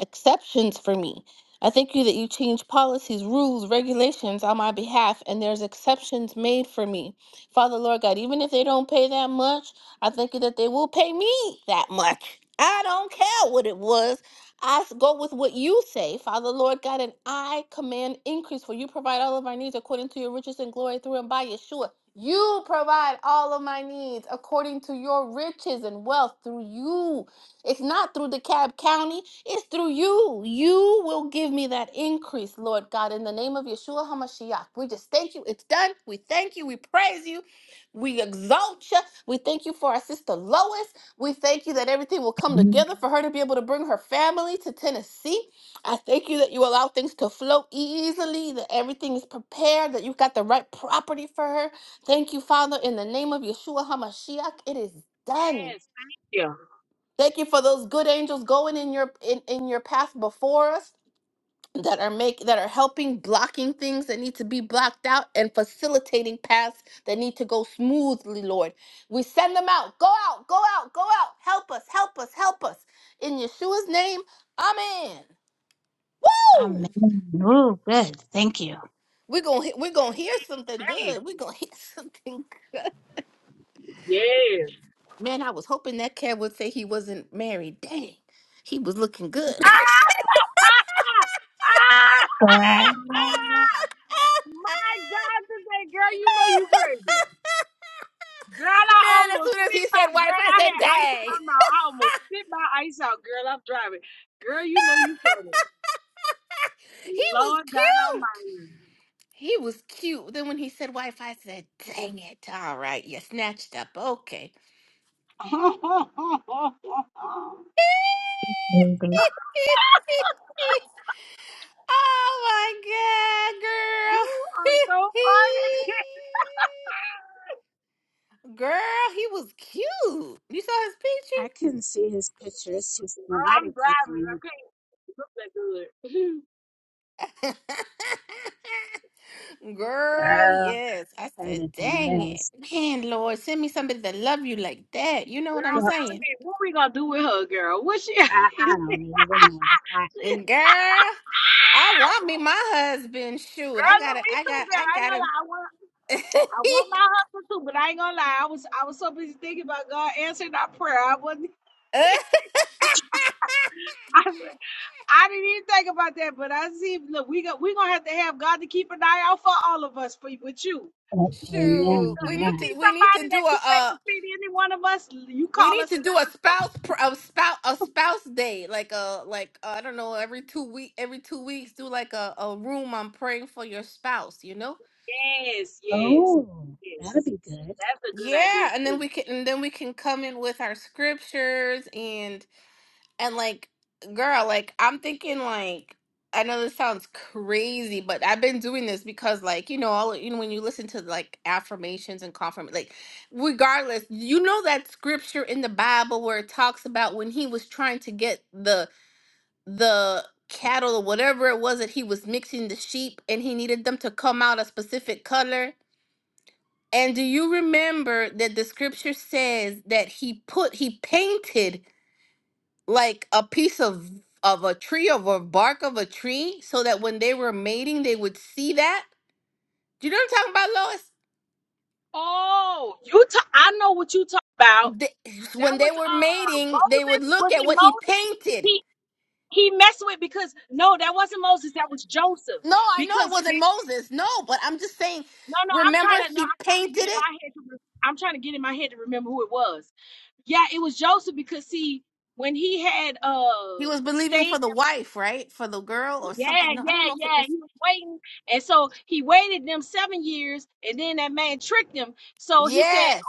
[SPEAKER 1] exceptions for me. I thank you that you change policies, rules, regulations on my behalf, and there's exceptions made for me. Father, Lord God, even if they don't pay that much, I thank you that they will pay me that much. [LAUGHS] I don't care what it was. I s- go with what you say, Father, Lord God, and I command increase for you provide all of our needs according to your riches and glory through and by Yeshua. You provide all of my needs according to your riches and wealth through you. It's not through DeKalb County, it's through you. You will give me that increase, Lord God, in the name of Yeshua HaMashiach. We just thank you. It's done. We thank you. We praise you. We exalt you. We thank you for our sister Lois. We thank you that everything will come together for her to be able to bring her family to Tennessee. I thank you that you allow things to flow e-, easily, that everything is prepared, that you've got the right property for her. Thank you, Father, in the name of Yeshua HaMashiach. It is done. Thank you for those good angels going in your in, in your path before us that are make that are helping blocking things that need to be blocked out and facilitating paths that need to go smoothly, Lord. We send them out. Go out, go out, go out. Help us, help us, help us. In Yeshua's name, Amen.
[SPEAKER 3] Amen.
[SPEAKER 1] Woo!
[SPEAKER 3] Oh, good. Thank you.
[SPEAKER 1] We're gonna we're gonna hear something good. We're gonna hear [LAUGHS] something good. Man, I was hoping that cat would say he wasn't married. Dang, he was looking good. [LAUGHS]
[SPEAKER 3] [LAUGHS]
[SPEAKER 1] Man, as soon as he said wife, I said, dang. He was cute. He was cute. Then when he said wife, I said, dang it. All right, you snatched up. Okay. [LAUGHS] oh my God, girl. [LAUGHS] girl, he was cute. You saw his picture?
[SPEAKER 3] I couldn't see his picture. It's too small. I didn't click on it.
[SPEAKER 1] [LAUGHS] Girl,
[SPEAKER 3] Oh,
[SPEAKER 1] yes. I
[SPEAKER 3] that
[SPEAKER 1] said,
[SPEAKER 3] is a
[SPEAKER 1] dang it.
[SPEAKER 3] mess.
[SPEAKER 1] Man, Lord, send me somebody that love you like that. You know what I'm
[SPEAKER 3] Well,
[SPEAKER 1] saying?
[SPEAKER 3] I, I don't even know. I,
[SPEAKER 1] Girl, I want me my husband. Shoot. I gotta I got I gotta [LAUGHS] Uh, Shoot,
[SPEAKER 3] amen to
[SPEAKER 1] we need
[SPEAKER 3] that.
[SPEAKER 1] to we need to do a uh we need to do a spouse pr- a spouse a spouse day like a like uh, I don't know every two week every two weeks do like a, a room on praying for your spouse you know
[SPEAKER 3] Oh, that'll be good.
[SPEAKER 1] Yeah, and then we can and then we can come in with our scriptures and and like girl, like I'm thinking like I know this sounds crazy, but I've been doing this because like, you know, all you know when you listen to like affirmations and confirm like regardless, you know that scripture in the Bible where it talks about when he was trying to get the the cattle or whatever it was that he was mixing the sheep and he needed them to come out a specific color and do you remember that the scripture says that he put he painted like a piece of of a tree of a bark of a tree so that when they were mating they would see that? Do you know what I'm talking about, Lois? They, when they were mating, they would look at what he painted. No, I know it wasn't Moses. No, but I'm just saying, remember he painted it? He was believing for the wife, right? For the girl or something. No, I don't know if it was Yes,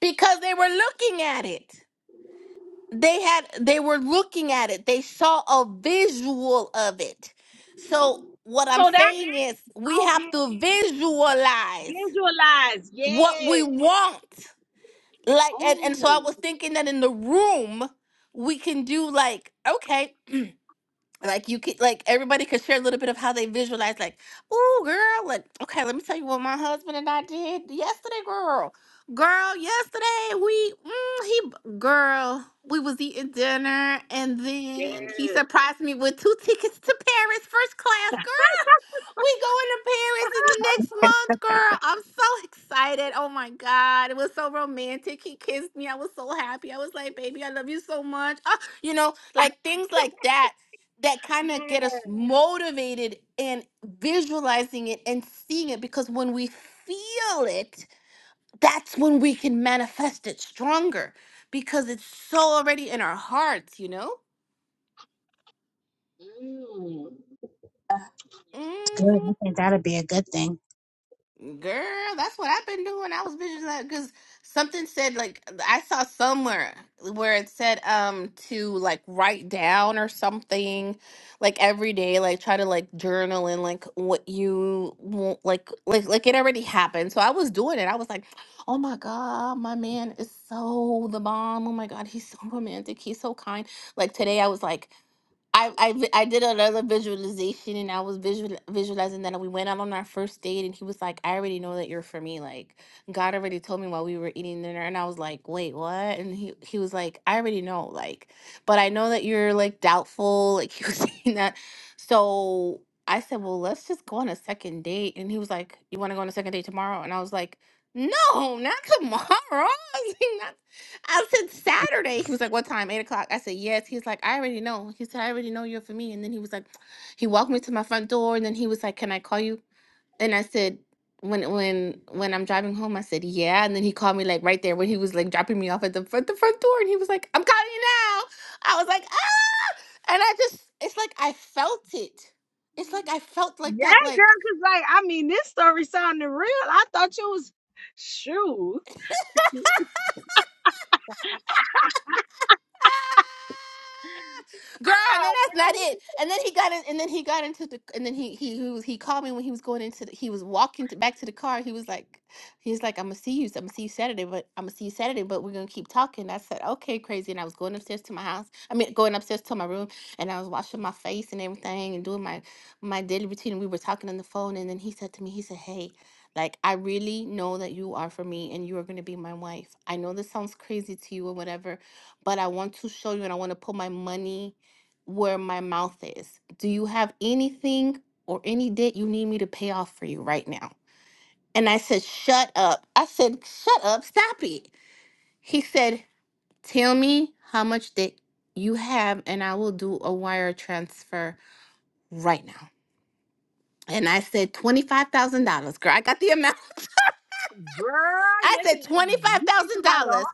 [SPEAKER 1] because they were looking at it. they had they were looking at it they saw a visual of it so what i'm saying is we have to visualize what we want like and, and so i was thinking that in the room we can do like okay like you could like everybody could share a little bit of how they visualize like oh girl like okay let me tell you what my husband and i did yesterday girl girl yesterday we mm, he b- girl we was eating dinner and then he surprised me with two tickets to paris first class we going to Paris in the next month, girl. I'm so [LAUGHS] excited. Oh my God. It was so romantic. He kissed me. I was so happy. I was like, baby, I love you so much. Ah, you know, like things like that that kind of get us motivated and visualizing it and seeing it because when we feel it, that's when we can manifest it stronger because it's so already in our hearts, you know?
[SPEAKER 3] Good.
[SPEAKER 1] hmm
[SPEAKER 3] I think that'll be a good thing.
[SPEAKER 1] Girl, that's what I've been doing. I was visualizing because something said like I saw somewhere where it said um to like write down or something like every day like try to like journal and like what you want like like like it already happened. So I was doing it. I was like, "Oh my God, my man is so the bomb. Oh my God, he's so romantic. He's so kind." Like today I was like I, I vi- I did another visualization and I was visual, visualizing that we went out on our first date and he was like, I already know that you're for me. Like God already told me while we were eating dinner and I was like, wait, what? And he, he was like, I already know, like, but I know that you're like doubtful. [LAUGHS] Like he was [LAUGHS] saying that. So I said, Well, let's just go on a second date. And he was like, You want to go on a second date tomorrow? And I was like, No, not tomorrow. [LAUGHS] I was like, I said Saturday. He was like, "What time? Eight o'clock." I said, "Yes." He's like, "I already know." He said, "I already know you're for me." And then he was like, he walked me to my front door, and then he was like, "Can I call you?" And I said, "When when when I'm driving home," I said, "Yeah." And then he called me like right there when he was like dropping me off at the front the front door, and he was like, "I'm calling you now." I was like, "Ah!" And I just, it's like I felt it. It's like I felt like that, like. [LAUGHS] Girl, and then that's not it. And then he got in, and then he got into the, and then he he he, was, he called me when he was going into, the, he was walking to, back to the car. He was like, he's like, I'm gonna see you, I'm gonna see you Saturday, but I'm gonna see you Saturday, but we're gonna keep talking. I said, okay, crazy. And I was going upstairs to my house. I mean, going upstairs to my room, and I was washing my face and everything, and doing my my daily routine. And we were talking on the phone, and then he said to me, he said, hey, like, I really know that you are for me and you are going to be my wife. I know this sounds crazy to you or whatever, but I want to show you and I want to put my money where my mouth is. Do you have anything or any debt you need me to pay off for you right now? And I said, Shut up. I said, Shut up. Stop it. He said, Tell me how much debt you have and I will do a wire transfer right now. And I said, $25,000. Girl, I got the amount. [LAUGHS] I said, $25,000.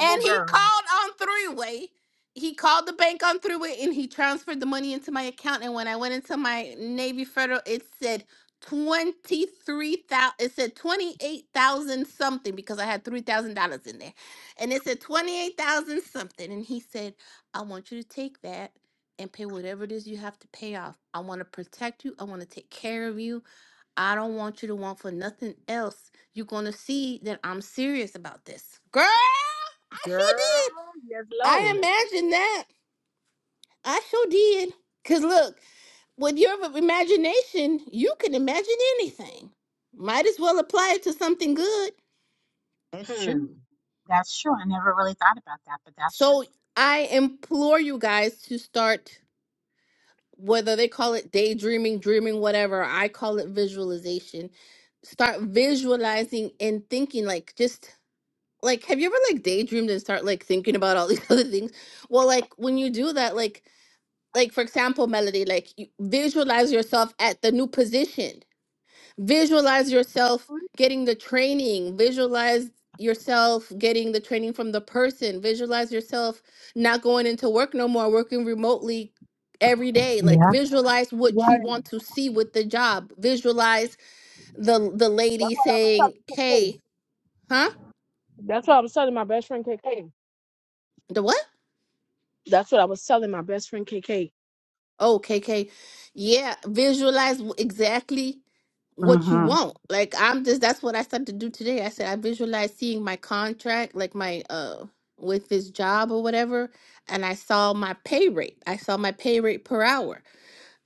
[SPEAKER 1] And he called on three way. He called the bank on three way and he transferred the money into my account. And when I went into my Navy Federal, it said 23,000, it said 28,000 something because I had $3,000 in there. And it said 28,000 something. And he said, I want you to take that and pay whatever it is you have to pay off. I want to protect you. I want to take care of you. I don't want you to want for nothing else. You're going to see that I'm serious about this. Girl, I sure did. I imagined that. I sure did. Because look, with your imagination, you can imagine anything. Might as well apply it to something good.
[SPEAKER 3] It's true. That's true. I never really thought about that, but that's true.
[SPEAKER 1] So I implore you guys to start, whether they call it daydreaming, dreaming, whatever, I call it visualization. Start visualizing and thinking like just like have you ever like daydreamed and start like thinking about all these [LAUGHS] other things well like when you do that like like for example melody like you visualize yourself at the new position visualize yourself getting the training visualize yourself getting the training from the person visualize yourself not going into work no more working remotely every day like
[SPEAKER 3] Yeah.
[SPEAKER 1] visualize what you want to see with the job visualize the the lady saying hey huh the what Oh, K K, Yeah, visualize w- exactly what you
[SPEAKER 3] Mm-hmm.
[SPEAKER 1] want. Like I'm just that's what I started to do today. I said I visualized seeing my contract, like my uh with this job or whatever, and I saw my pay rate. I saw my pay rate per hour.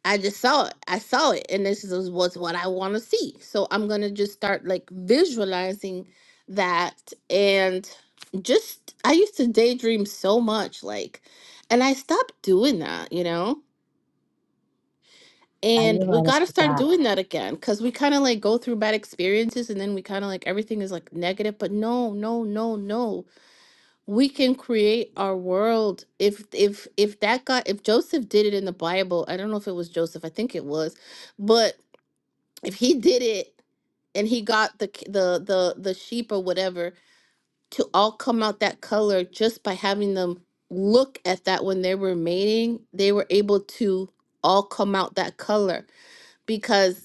[SPEAKER 1] I just saw it. I saw it and this is was what I want to see. So I'm going to just start like visualizing that and just I used to daydream so much like and I stopped doing that, you know?
[SPEAKER 3] Yeah, You're
[SPEAKER 1] And we
[SPEAKER 3] right
[SPEAKER 1] got to
[SPEAKER 3] about
[SPEAKER 1] start
[SPEAKER 3] that.
[SPEAKER 1] doing that again because we kind of like go through bad experiences and then we kind of like everything is like negative. But no, no, no, no. We can create our world. If, if, if that guy, if Joseph did it in the Bible, I don't know if it was Joseph, I think it was, but if he did it and he got the, k- the, the, the sheep or whatever to all come out that color just by having them look at that when they were mating, they were able to all come out that color because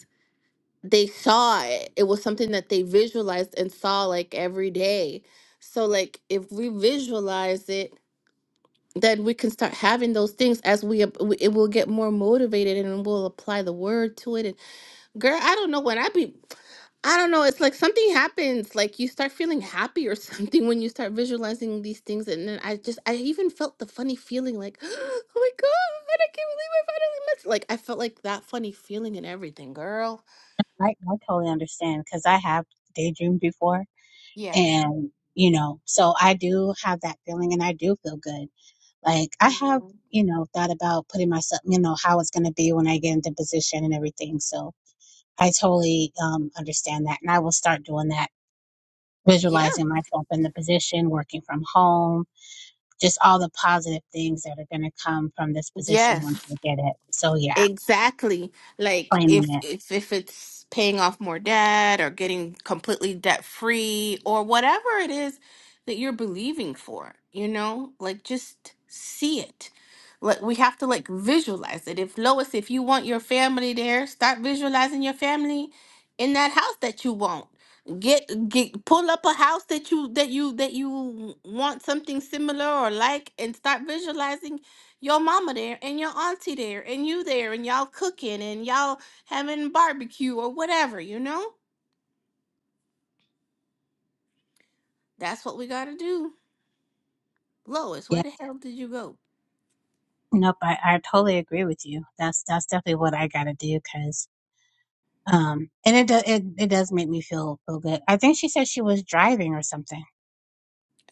[SPEAKER 1] they saw it. It was something that they visualized and saw like every day. So like if we visualize it, then we can start having those things as we ap- we- it will get more motivated and we'll apply the word to it. And girl, I don't know when I be I don't know. It's like something happens. Like you start feeling happy or [LAUGHS] something when you start visualizing these things. And then I just I even felt the funny feeling like, [GASPS] oh my god, I can't believe I finally met. Like I felt like that funny feeling and everything, girl.
[SPEAKER 3] I, I totally understand because I have daydreamed before
[SPEAKER 1] Yeah.
[SPEAKER 3] and, you know, so I do have that feeling and I do feel good. Like I have, you know, thought about putting myself, you know, how it's going to be when I get into position and everything. So, I totally um, understand that. And I will start doing that,
[SPEAKER 1] Yeah.
[SPEAKER 3] visualizing myself in the position, working from home, just all the positive things that are going to come from this position once
[SPEAKER 1] Yes.
[SPEAKER 3] we get it. So, yeah,
[SPEAKER 1] Exactly. Like
[SPEAKER 3] claiming
[SPEAKER 1] if
[SPEAKER 3] it.
[SPEAKER 1] if if it's paying off more debt or getting completely debt free or whatever it is that you're believing for, you know? Like just see it. Like we have to like visualize it. If Lois, if you want your family there, start visualizing your family in that house that you want. Get get pull up a house that you that you that you want something similar or like and start visualizing your mama there and your auntie there and you there and y'all cooking and y'all having barbecue or whatever, you know? That's what we gotta do. Lois,
[SPEAKER 3] Yeah.
[SPEAKER 1] where the hell did you go?
[SPEAKER 3] Nope. I, I totally agree with you. That's, that's definitely what I got to do because, um, and it, do, it, it does make me feel, feel good. I think she said she was driving or something.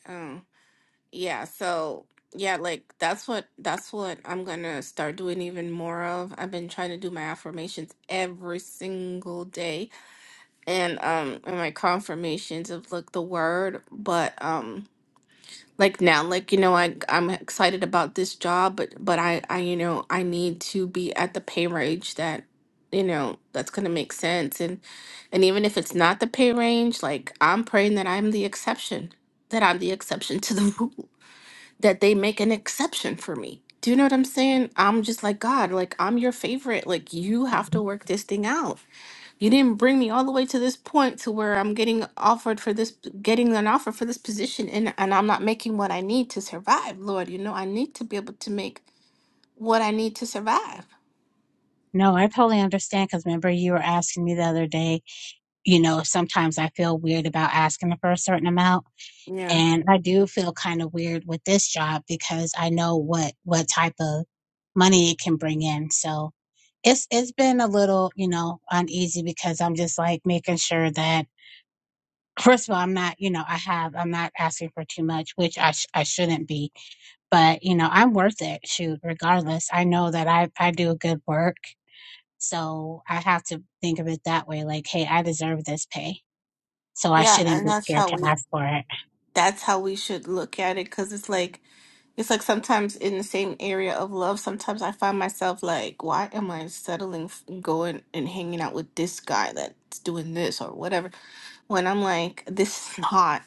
[SPEAKER 1] Um, yeah, so yeah, like that's what that's what I'm gonna start doing even more of. I've been trying to do my affirmations every single day and um and my confirmations of like the word, but um like now like you know I I'm excited about this job but but I I you know I need to be at the pay range that you know that's going to make sense and and even if it's not the pay range like I'm praying that I'm the exception that I'm the exception to the [LAUGHS] rule that they make an exception for me. Do you know what I'm saying? I'm just like, God, like, I'm your favorite. Like, you have to work this thing out. You didn't bring me all the way to this point to where I'm getting offered for this, getting an offer for this position, and, and I'm not making what I need to survive, Lord. You know, I need to be able to make what I need to survive.
[SPEAKER 3] No, I totally understand because remember you were asking me the other day, you know, sometimes I feel weird about asking for a certain amount
[SPEAKER 1] Yeah.
[SPEAKER 3] and I do feel kind of weird with this job because I know what what type of money it can bring in. So it's it's been a little you know uneasy because I'm just like making sure that [LAUGHS] first of all I'm not you know I have I'm not asking for too much, which I sh- I shouldn't be, but you know I'm worth it. Shoot, regardless, I know that I I do good work. So I have to think of it that way, like, hey, I deserve this pay. So I
[SPEAKER 1] Yeah.
[SPEAKER 3] shouldn't
[SPEAKER 1] And
[SPEAKER 3] be
[SPEAKER 1] that's
[SPEAKER 3] scared
[SPEAKER 1] how
[SPEAKER 3] to
[SPEAKER 1] we,
[SPEAKER 3] ask for it.
[SPEAKER 1] that's how we should look at it. Cause it's like, It's like sometimes in the same area of love, sometimes I find myself like, why am I settling, f- going and hanging out with this guy that's doing this or whatever? When I'm like, this is not,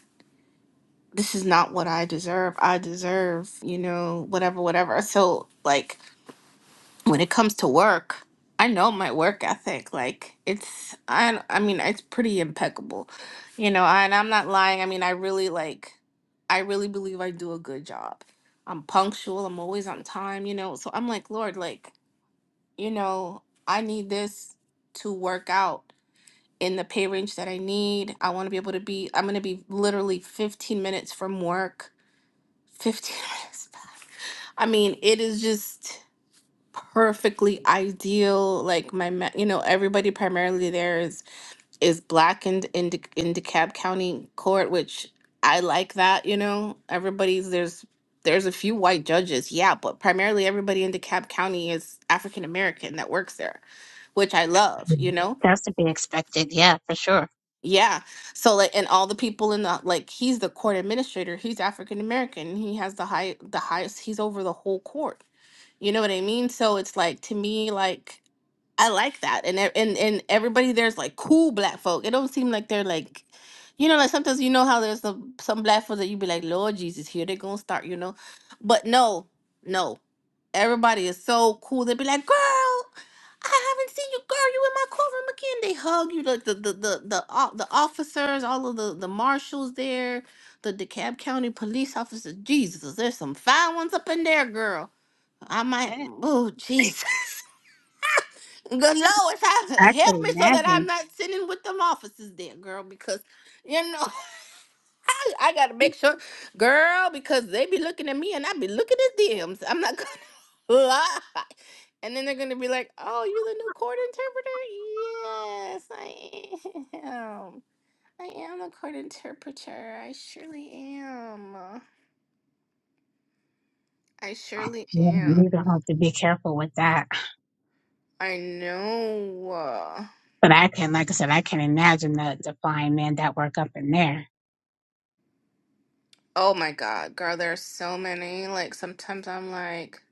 [SPEAKER 1] this is not what I deserve. I deserve, you know, whatever, whatever. So, like, when it comes to work, I know my work ethic. Like it's, I, I mean, it's pretty impeccable, you know. And I'm not lying. I mean, I really like, I really believe I do a good job. I'm punctual. I'm always on time, you know. So I'm like, Lord, like, you know, I need this to work out in the pay range that I need. I want to be able to be. I'm gonna be literally 15 minutes from work. 15 [LAUGHS] minutes. I mean, it is just perfectly ideal. Like my, ma- you know, everybody primarily there is is black in in, De- in DeKalb County Court, which I like that. You know, everybody's there's there's a few white judges, yeah, but primarily everybody in DeKalb County is African American that works there, which I love. You know.
[SPEAKER 3] That's to be expected. Yeah, for sure.
[SPEAKER 1] Yeah. So like and all the people in the like he's the court administrator, he's African American. He has the high the highest he's over the whole court. You know what I mean? So it's like to me, like I like that, and e- and and everybody there's like cool black folk. It don't seem like they're like, you know, like sometimes you know how there's some some black folk that you be like, Lord Jesus, here they gonna start, you know, but no, no, everybody is so cool. They be like, girl. I haven't seen you, girl. You in my courtroom again. They hug you. Like the the the the, o- the officers, all of the the marshals there, the DeKalb County police officers. Jesus, there's some fine ones up in there, girl I might,
[SPEAKER 3] Eh,
[SPEAKER 1] oh, Jesus. [LAUGHS] Good Lord, have-
[SPEAKER 3] I could
[SPEAKER 1] help me so that I'm
[SPEAKER 3] imagine.
[SPEAKER 1] not sitting with them officers there, girl, because, you know, [LAUGHS] I, I got to make sure, girl, because they be looking at me and I be looking at them. So I'm not going to [LAUGHS] lie. And then they're going to be like, oh, you the new court interpreter? Yes, I am. I am a court interpreter. I surely am. I surely
[SPEAKER 3] Yeah,
[SPEAKER 1] am.
[SPEAKER 3] you're gonna have to be careful with that.
[SPEAKER 1] I know.
[SPEAKER 3] But I can, like I said, I can imagine the, the flying men that work up in there.
[SPEAKER 1] Oh my God, girl, there's so many. Like sometimes I'm like,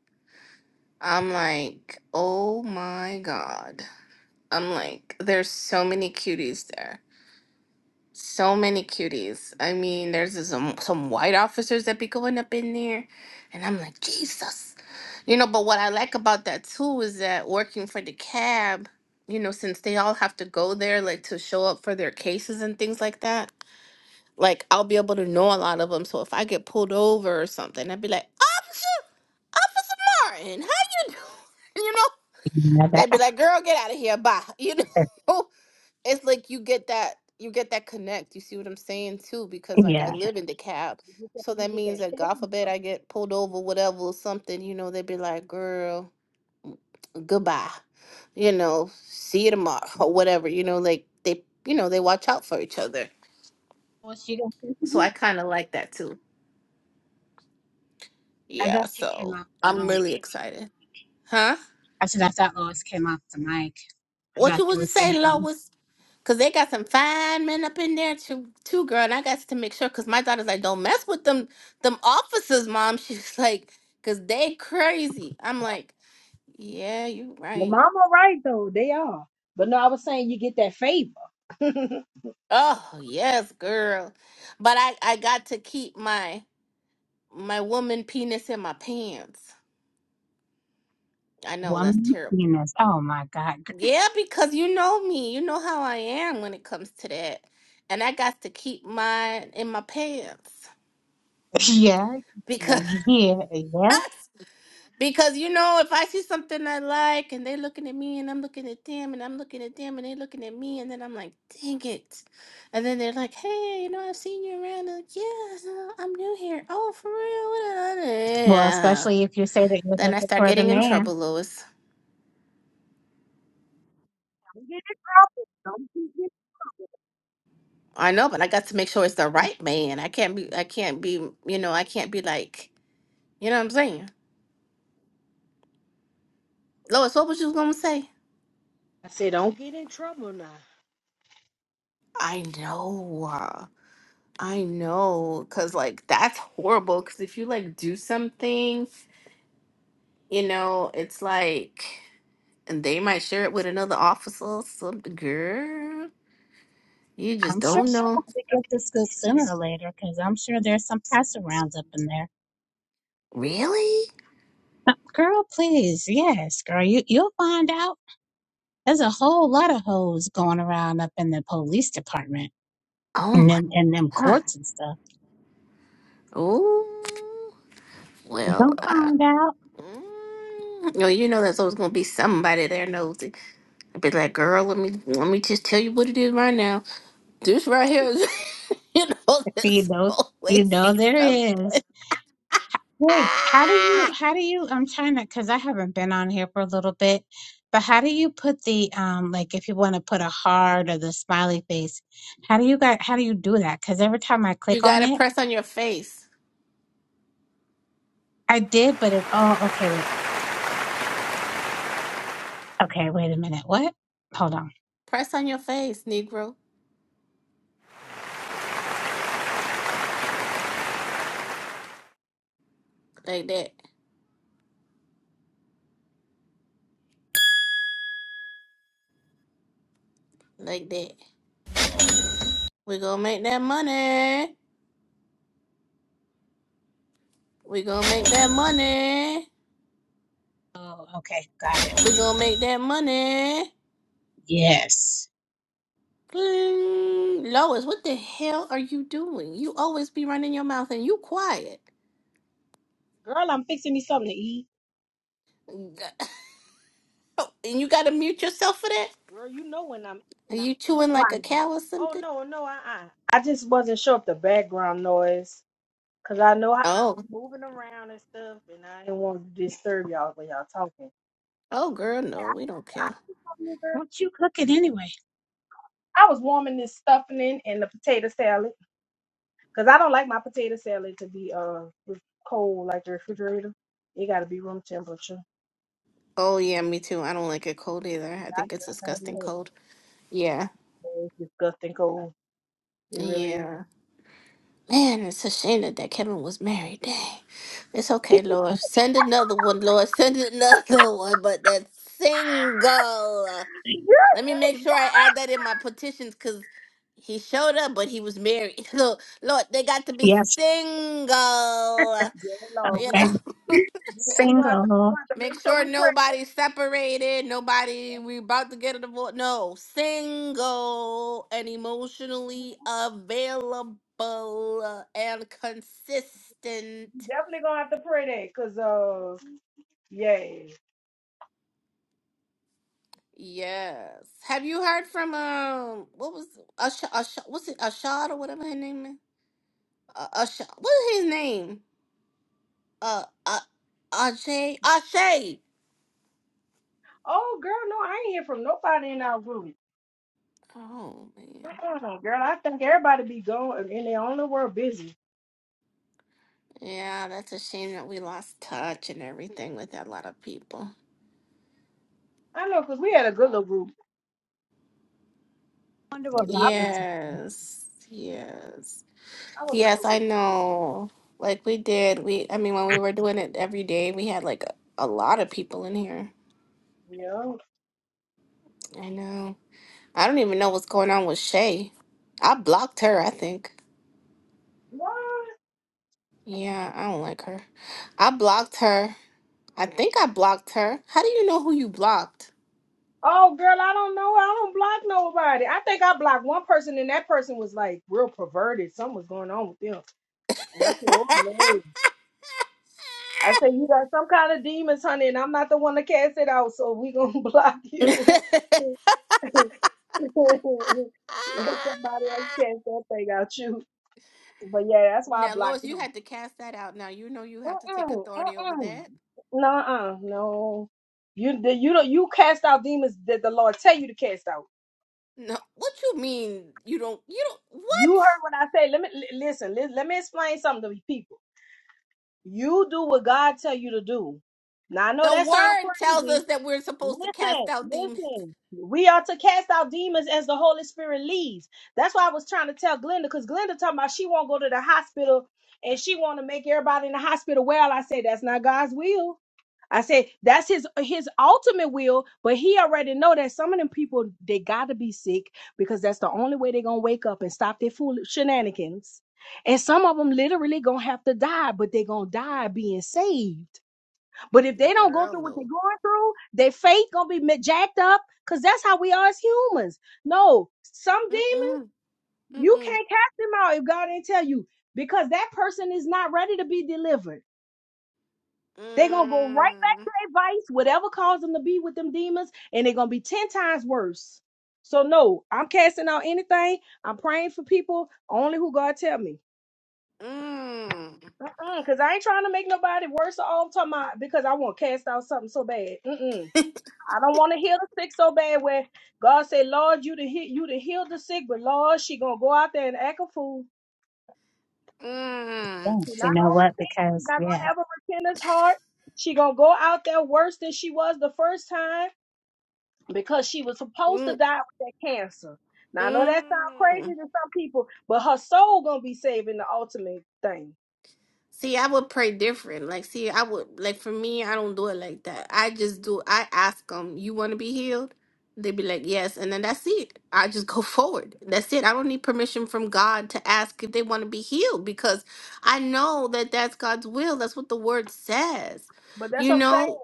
[SPEAKER 1] I'm like, oh my God. I'm like, there's so many cuties there. So many cuties. I mean, there's this- some some white officers that be going up in there, and I'm like, Jesus. You know, but what I like about that too is that working for the cab, you know, since they all have to go there like to show up for their cases and things like that like I'll be able to know a lot of them. So if I get pulled over or something, I'd be like, Officer, Officer Martin, how you doing? [LAUGHS] You know,
[SPEAKER 3] Yeah,
[SPEAKER 1] they'd be like, Girl, get out of here, bye. [LAUGHS] You
[SPEAKER 3] that,
[SPEAKER 1] know, it's like you get that, you get that connect. You see what I'm saying too?
[SPEAKER 3] [LAUGHS]
[SPEAKER 1] Because like I
[SPEAKER 3] yeah.
[SPEAKER 1] live in the cab, so that means that God forbid I get pulled over, whatever, or something. You know, they'd be like, Girl, goodbye. You know, see you tomorrow [LAUGHS] or whatever. You know, like they, you know, they watch out for each other.
[SPEAKER 3] Well, she got,
[SPEAKER 1] So I kind of like that too.
[SPEAKER 3] I
[SPEAKER 1] Yeah,
[SPEAKER 3] thought she came
[SPEAKER 1] so
[SPEAKER 3] off the
[SPEAKER 1] I'm
[SPEAKER 3] mic.
[SPEAKER 1] really excited. Huh?
[SPEAKER 3] I said, I thought Lois came off the mic. I
[SPEAKER 1] What
[SPEAKER 3] thought
[SPEAKER 1] you
[SPEAKER 3] she
[SPEAKER 1] was to
[SPEAKER 3] was saying
[SPEAKER 1] say,
[SPEAKER 3] something.
[SPEAKER 1] Lois? Cause they got some fine men up in there too, too, girl. And I got to make sure, cause my daughter's like, don't mess with them, them officers, mom. [LAUGHS] She's like, cause they crazy. I'm like, yeah, you right. Oh yes, girl. But I, I got to keep my, my woman penis in my pants. I know that's
[SPEAKER 3] Woman,
[SPEAKER 1] terrible.
[SPEAKER 3] penis. Oh my God. [LAUGHS]
[SPEAKER 1] Yeah, because you know me. You know how I am when it comes to that. And I got to keep mine in my pants.
[SPEAKER 3] Yeah.
[SPEAKER 1] Because
[SPEAKER 3] Yeah. Yeah.
[SPEAKER 1] [LAUGHS] because you know, if I see something I like and they looking at me and I'm looking at them and I'm looking at them and they looking at me and then I'm like, dang it. And then they're like, Hey, you know, I've seen you around. I'm like, yeah, no, I'm new here. Oh, for real? [LAUGHS] What a-"
[SPEAKER 3] Well,
[SPEAKER 1] Yeah.
[SPEAKER 3] especially if you say that you're
[SPEAKER 1] Then I
[SPEAKER 3] looking
[SPEAKER 1] start
[SPEAKER 3] for the
[SPEAKER 1] getting in
[SPEAKER 3] man.
[SPEAKER 1] trouble, Louis. I know, but I got to make sure it's the right man. I can't be I can't be you know, I can't be like You know what I'm saying? Lois, what was you gonna say? I know. uh, I know. Cause like that's horrible. Cause if you like do something, you know, it's like and they might share it with another officer or something. Girl, you just
[SPEAKER 3] I'm sure
[SPEAKER 1] don't
[SPEAKER 3] we'll
[SPEAKER 1] know.
[SPEAKER 3] have to get the scoop sooner or later because I'm sure there's some pass rounds up in there.
[SPEAKER 1] Really?
[SPEAKER 3] Uh, Girl, please, yes, girl, you you'll find out. There's a whole lot of hoes going around up in the police department
[SPEAKER 1] Oh
[SPEAKER 3] and
[SPEAKER 1] my
[SPEAKER 3] then and them
[SPEAKER 1] god.
[SPEAKER 3] courts and stuff.
[SPEAKER 1] Oh
[SPEAKER 3] You are
[SPEAKER 1] well
[SPEAKER 3] gonna
[SPEAKER 1] uh,
[SPEAKER 3] find out. [LAUGHS]
[SPEAKER 1] mm, no, you know there's always gonna be somebody there nosy. I'd be like, girl, let me let me just tell you what it is right now. This right here is, [LAUGHS] you know,
[SPEAKER 3] You
[SPEAKER 1] this
[SPEAKER 3] know, you
[SPEAKER 1] always
[SPEAKER 3] know there
[SPEAKER 1] something.
[SPEAKER 3] is. Wait, how do you,
[SPEAKER 1] Ah!
[SPEAKER 3] how do you, I'm trying to, because I haven't been on here for a little bit, but how do you put the, um, like if you want to put a heart or the smiley face, how do you guys, how do you do that? Because every time I
[SPEAKER 1] You
[SPEAKER 3] click on
[SPEAKER 1] gotta
[SPEAKER 3] it,
[SPEAKER 1] press on your face.
[SPEAKER 3] I did, but it, oh, okay, wait, okay, wait a minute. What? Hold on.
[SPEAKER 1] Press on your face, Negro. Like that. Like that. we gonna make that money. we gonna make that money.
[SPEAKER 3] Oh, okay, got it.
[SPEAKER 1] we gonna make that money.
[SPEAKER 3] Yes.
[SPEAKER 1] Bling. Lois, what the hell are you doing? You always be running your mouth and you quiet. [LAUGHS] And you gotta mute yourself for that? Are you chewing like a cow or something? Oh. Oh, girl, no, we don't care.
[SPEAKER 3] What you cooking anyway?
[SPEAKER 1] Oh, yeah, me too. I don't like it cold either. I think it's disgusting cold. Yeah. Yeah. Man, it's a shame that, that Kevin was married. Dang. It's okay, Lord. Send another one, Lord. Send another [LAUGHS] one, but that's single. Let me make sure I add that in my petitions because he showed up, but he was married. [LAUGHS] So, Lord, they got to be
[SPEAKER 3] Yes.
[SPEAKER 1] single. You
[SPEAKER 3] Okay.
[SPEAKER 1] know?
[SPEAKER 3] Single.
[SPEAKER 1] Make sure nobody's separated. Nobody, we about to get a divorce. No, single and emotionally available and consistent. Yes. Have you heard from um? What was Asha? Asha what's it? Ashad or whatever her name is. Uh, Asha. What is his name? Uh, uh, Ajay. Ashay. Oh man. Yeah, that's a shame that we lost touch and everything with a lot of people.
[SPEAKER 3] Wonder what Robert's up
[SPEAKER 1] Yes, yes, yes, I know. Like we did, we, I mean, when we were doing it every day, we had like a, a lot of people in here. I know. I don't even know what's going on with Shay. I blocked her, I think. Yeah, I don't like her. I blocked her. I think I blocked her. How do you know who you blocked? [LAUGHS] Now, Lois, you had to cast that out. Now you know you have to take authority over that. No, what you mean you don't you don't what? The word tells us that we're supposed to cast out demons. Girl, no. Mm-mm. Mm-mm. Mm. Mm. Mm.
[SPEAKER 3] against. You know
[SPEAKER 1] I
[SPEAKER 3] what?
[SPEAKER 1] don't-
[SPEAKER 3] Because yeah.
[SPEAKER 1] Mm. Mm. See, I would pray different. Like, see, I would like for me, I don't do it like that. I just do. I ask them, "You want to be healed?" They be like, "Yes," and then that's it. I just go [LAUGHS] forward. That's it. I don't need permission from God to ask if they want to be healed because I know that that's God's will. That's what the Word says. You know,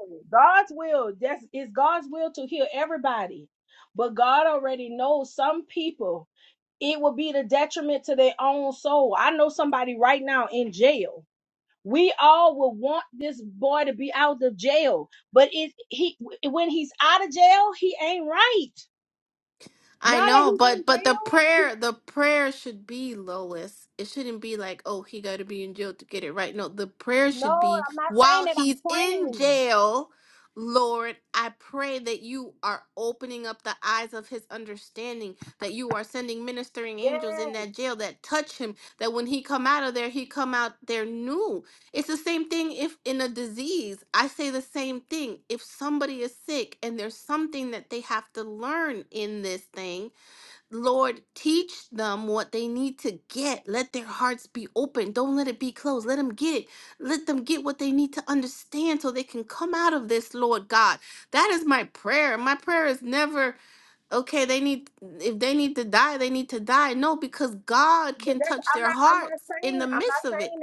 [SPEAKER 1] I know, but but the prayer the prayer should be Lois. It shouldn't be like, oh, he got to be in jail to get it right. No, the prayer should be while he's in jail, Lord, I pray that you are opening up the eyes of his understanding, that you are sending ministering angels in that jail that touch him, that when he come out of there, he come out there new. It's the same thing if in a disease, I say the same thing. If somebody is sick and there's something that they have to learn in this thing, Lord, teach them what they need to get. Let their hearts be open. Don't let it be closed. Let them get it. Let them get what they need to understand so they can come out of this, Lord God. That is my prayer. My prayer is never, okay, they need, if they need to die, they need to die. No, because God can touch their hearts in the midst of it.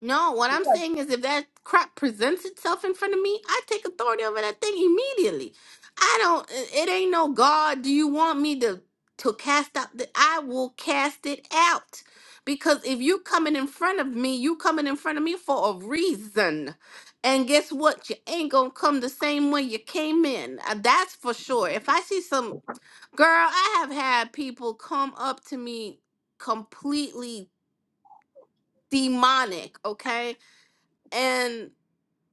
[SPEAKER 1] No, what I'm saying is if that crap presents itself in front of me, I take authority over that thing immediately. I don't it it ain't no God, do you want me to to cast out the I will cast it out. Because if you coming in front of me, you coming in front of me for a reason. And guess what? You ain't gonna come the same way you came in. Uh, That's for sure. If I see some girl, I have had people come up to me completely demonic, okay? and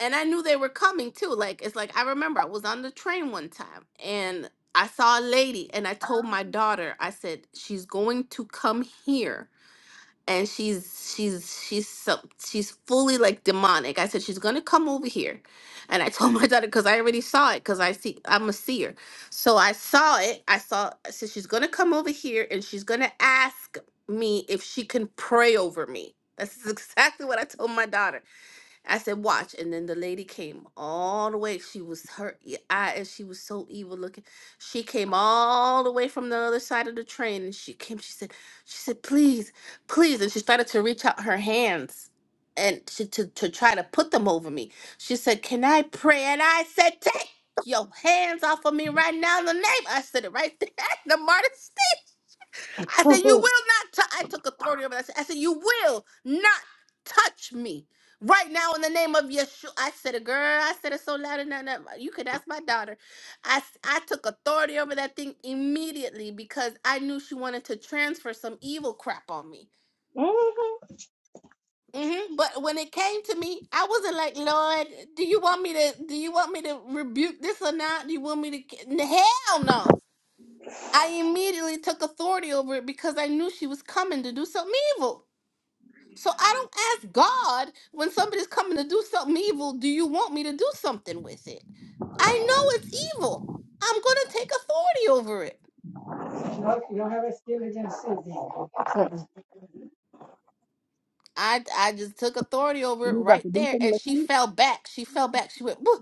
[SPEAKER 1] and I knew they were coming too. Like it's like I remember I was on the train one time and I saw a lady and I told my daughter, I said, she's going to come here and she's she's she's so, she's fully like demonic. I said she's going to come over here. And I [LAUGHS] told my daughter cuz I already saw it cuz I see I'm a seer. So I saw it. I saw I said she's going to come over here and she's going to ask me if she can pray over me. That's [LAUGHS] exactly what I told my daughter. I said, watch. And then the lady came all the way. She was her e- eye, and she was so evil looking. She came all the way from the other side of the train, and she came. She said, she said, please, please, and she started to reach out her hands and she, to to try to put them over me. She said, can I pray? And I said, take your hands off of me right now in the name. I said it right there, [LAUGHS] the martyrs. I said, You will not. tou- I took authority over that. I said, You will not touch me right now in the name of Yeshua. I said it, girl. I said it so loud and that. that- You could ask my daughter. I, s- I took authority over that thing immediately because I knew she wanted to transfer some evil crap on me. hmm But when it came to me, I wasn't like, Lord, do you want me to? Do you want me to rebuke this or not? Do you want me to? ki-" N- Hell no! I immediately took authority over it because I knew she was coming to do something evil. So I don't ask God when somebody's coming to do something evil, do you want me to do something with it? I know it's evil. I'm going to take authority over it. I, I just took authority over it right there. And she fell back. She fell back. She went, Woo!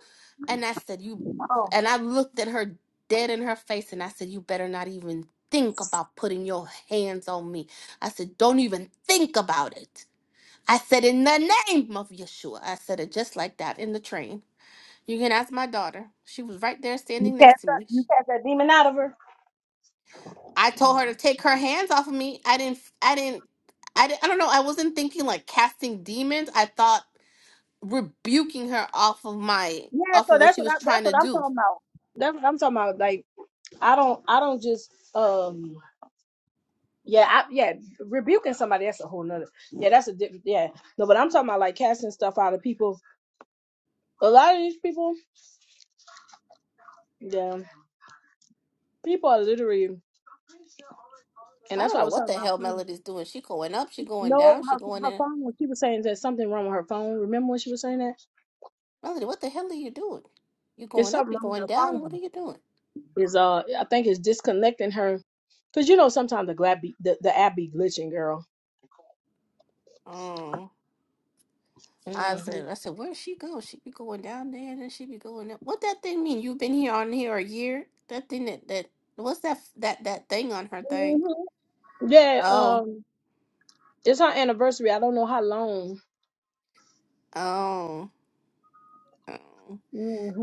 [SPEAKER 1] and I said, You, and I looked at her dead in her face and I said, You better not even think about putting your hands on me. I said, Don't even think about it. I said, In the name of Yeshua. I said it just like that in the train. You can ask my daughter. She was right there standing next to me. I told her to take her hands off of me. I didn't I didn't I, didn't, I don't know. I wasn't thinking like casting demons. I thought rebuking her off of my off of what she was trying to do. I don't know what the hell Melody's doing. She going up, she going down, she going in. Melody, what the hell are you doing? You going up, you going down. What are you doing? Mm. I said, I said, where she go? She be going down there, and then she be going up. What that thing mean? You've been here on here a year? That thing that that what's that f- that that thing on her thing? Oh, oh, oh.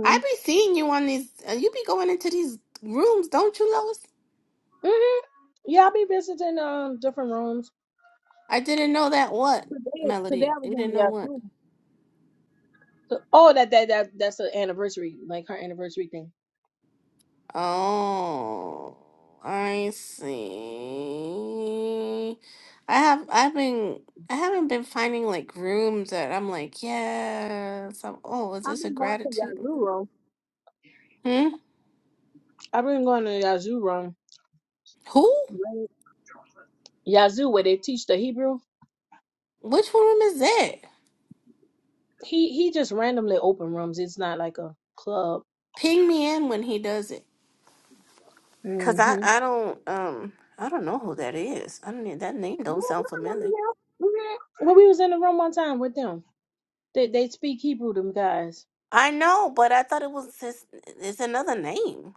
[SPEAKER 1] I be seeing you on these. Uh, you be going into these rooms, don't you, Lois? I didn't know that. What Melody? You didn't know what? Oh, I see. I have I've been I haven't been finding like rooms that I'm like, yes, I'm, oh, is this a gratitude? Hmm? Who? Which room is that? Ping me in when he does it. Cause I I don't um I don't know who that is. I don't e, that name don't sound familiar. I know, but I thought it was his, it's another name.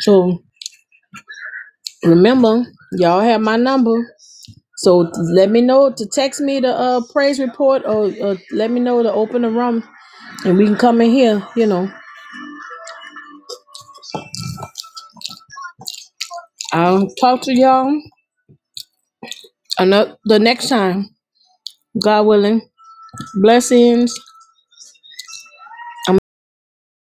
[SPEAKER 5] So remember, y'all have my number. So let me know to text me the uh, praise report or, or let me know to open the room and we can come in here. You know, I'll talk to y'all another, the next time, God willing. Blessings.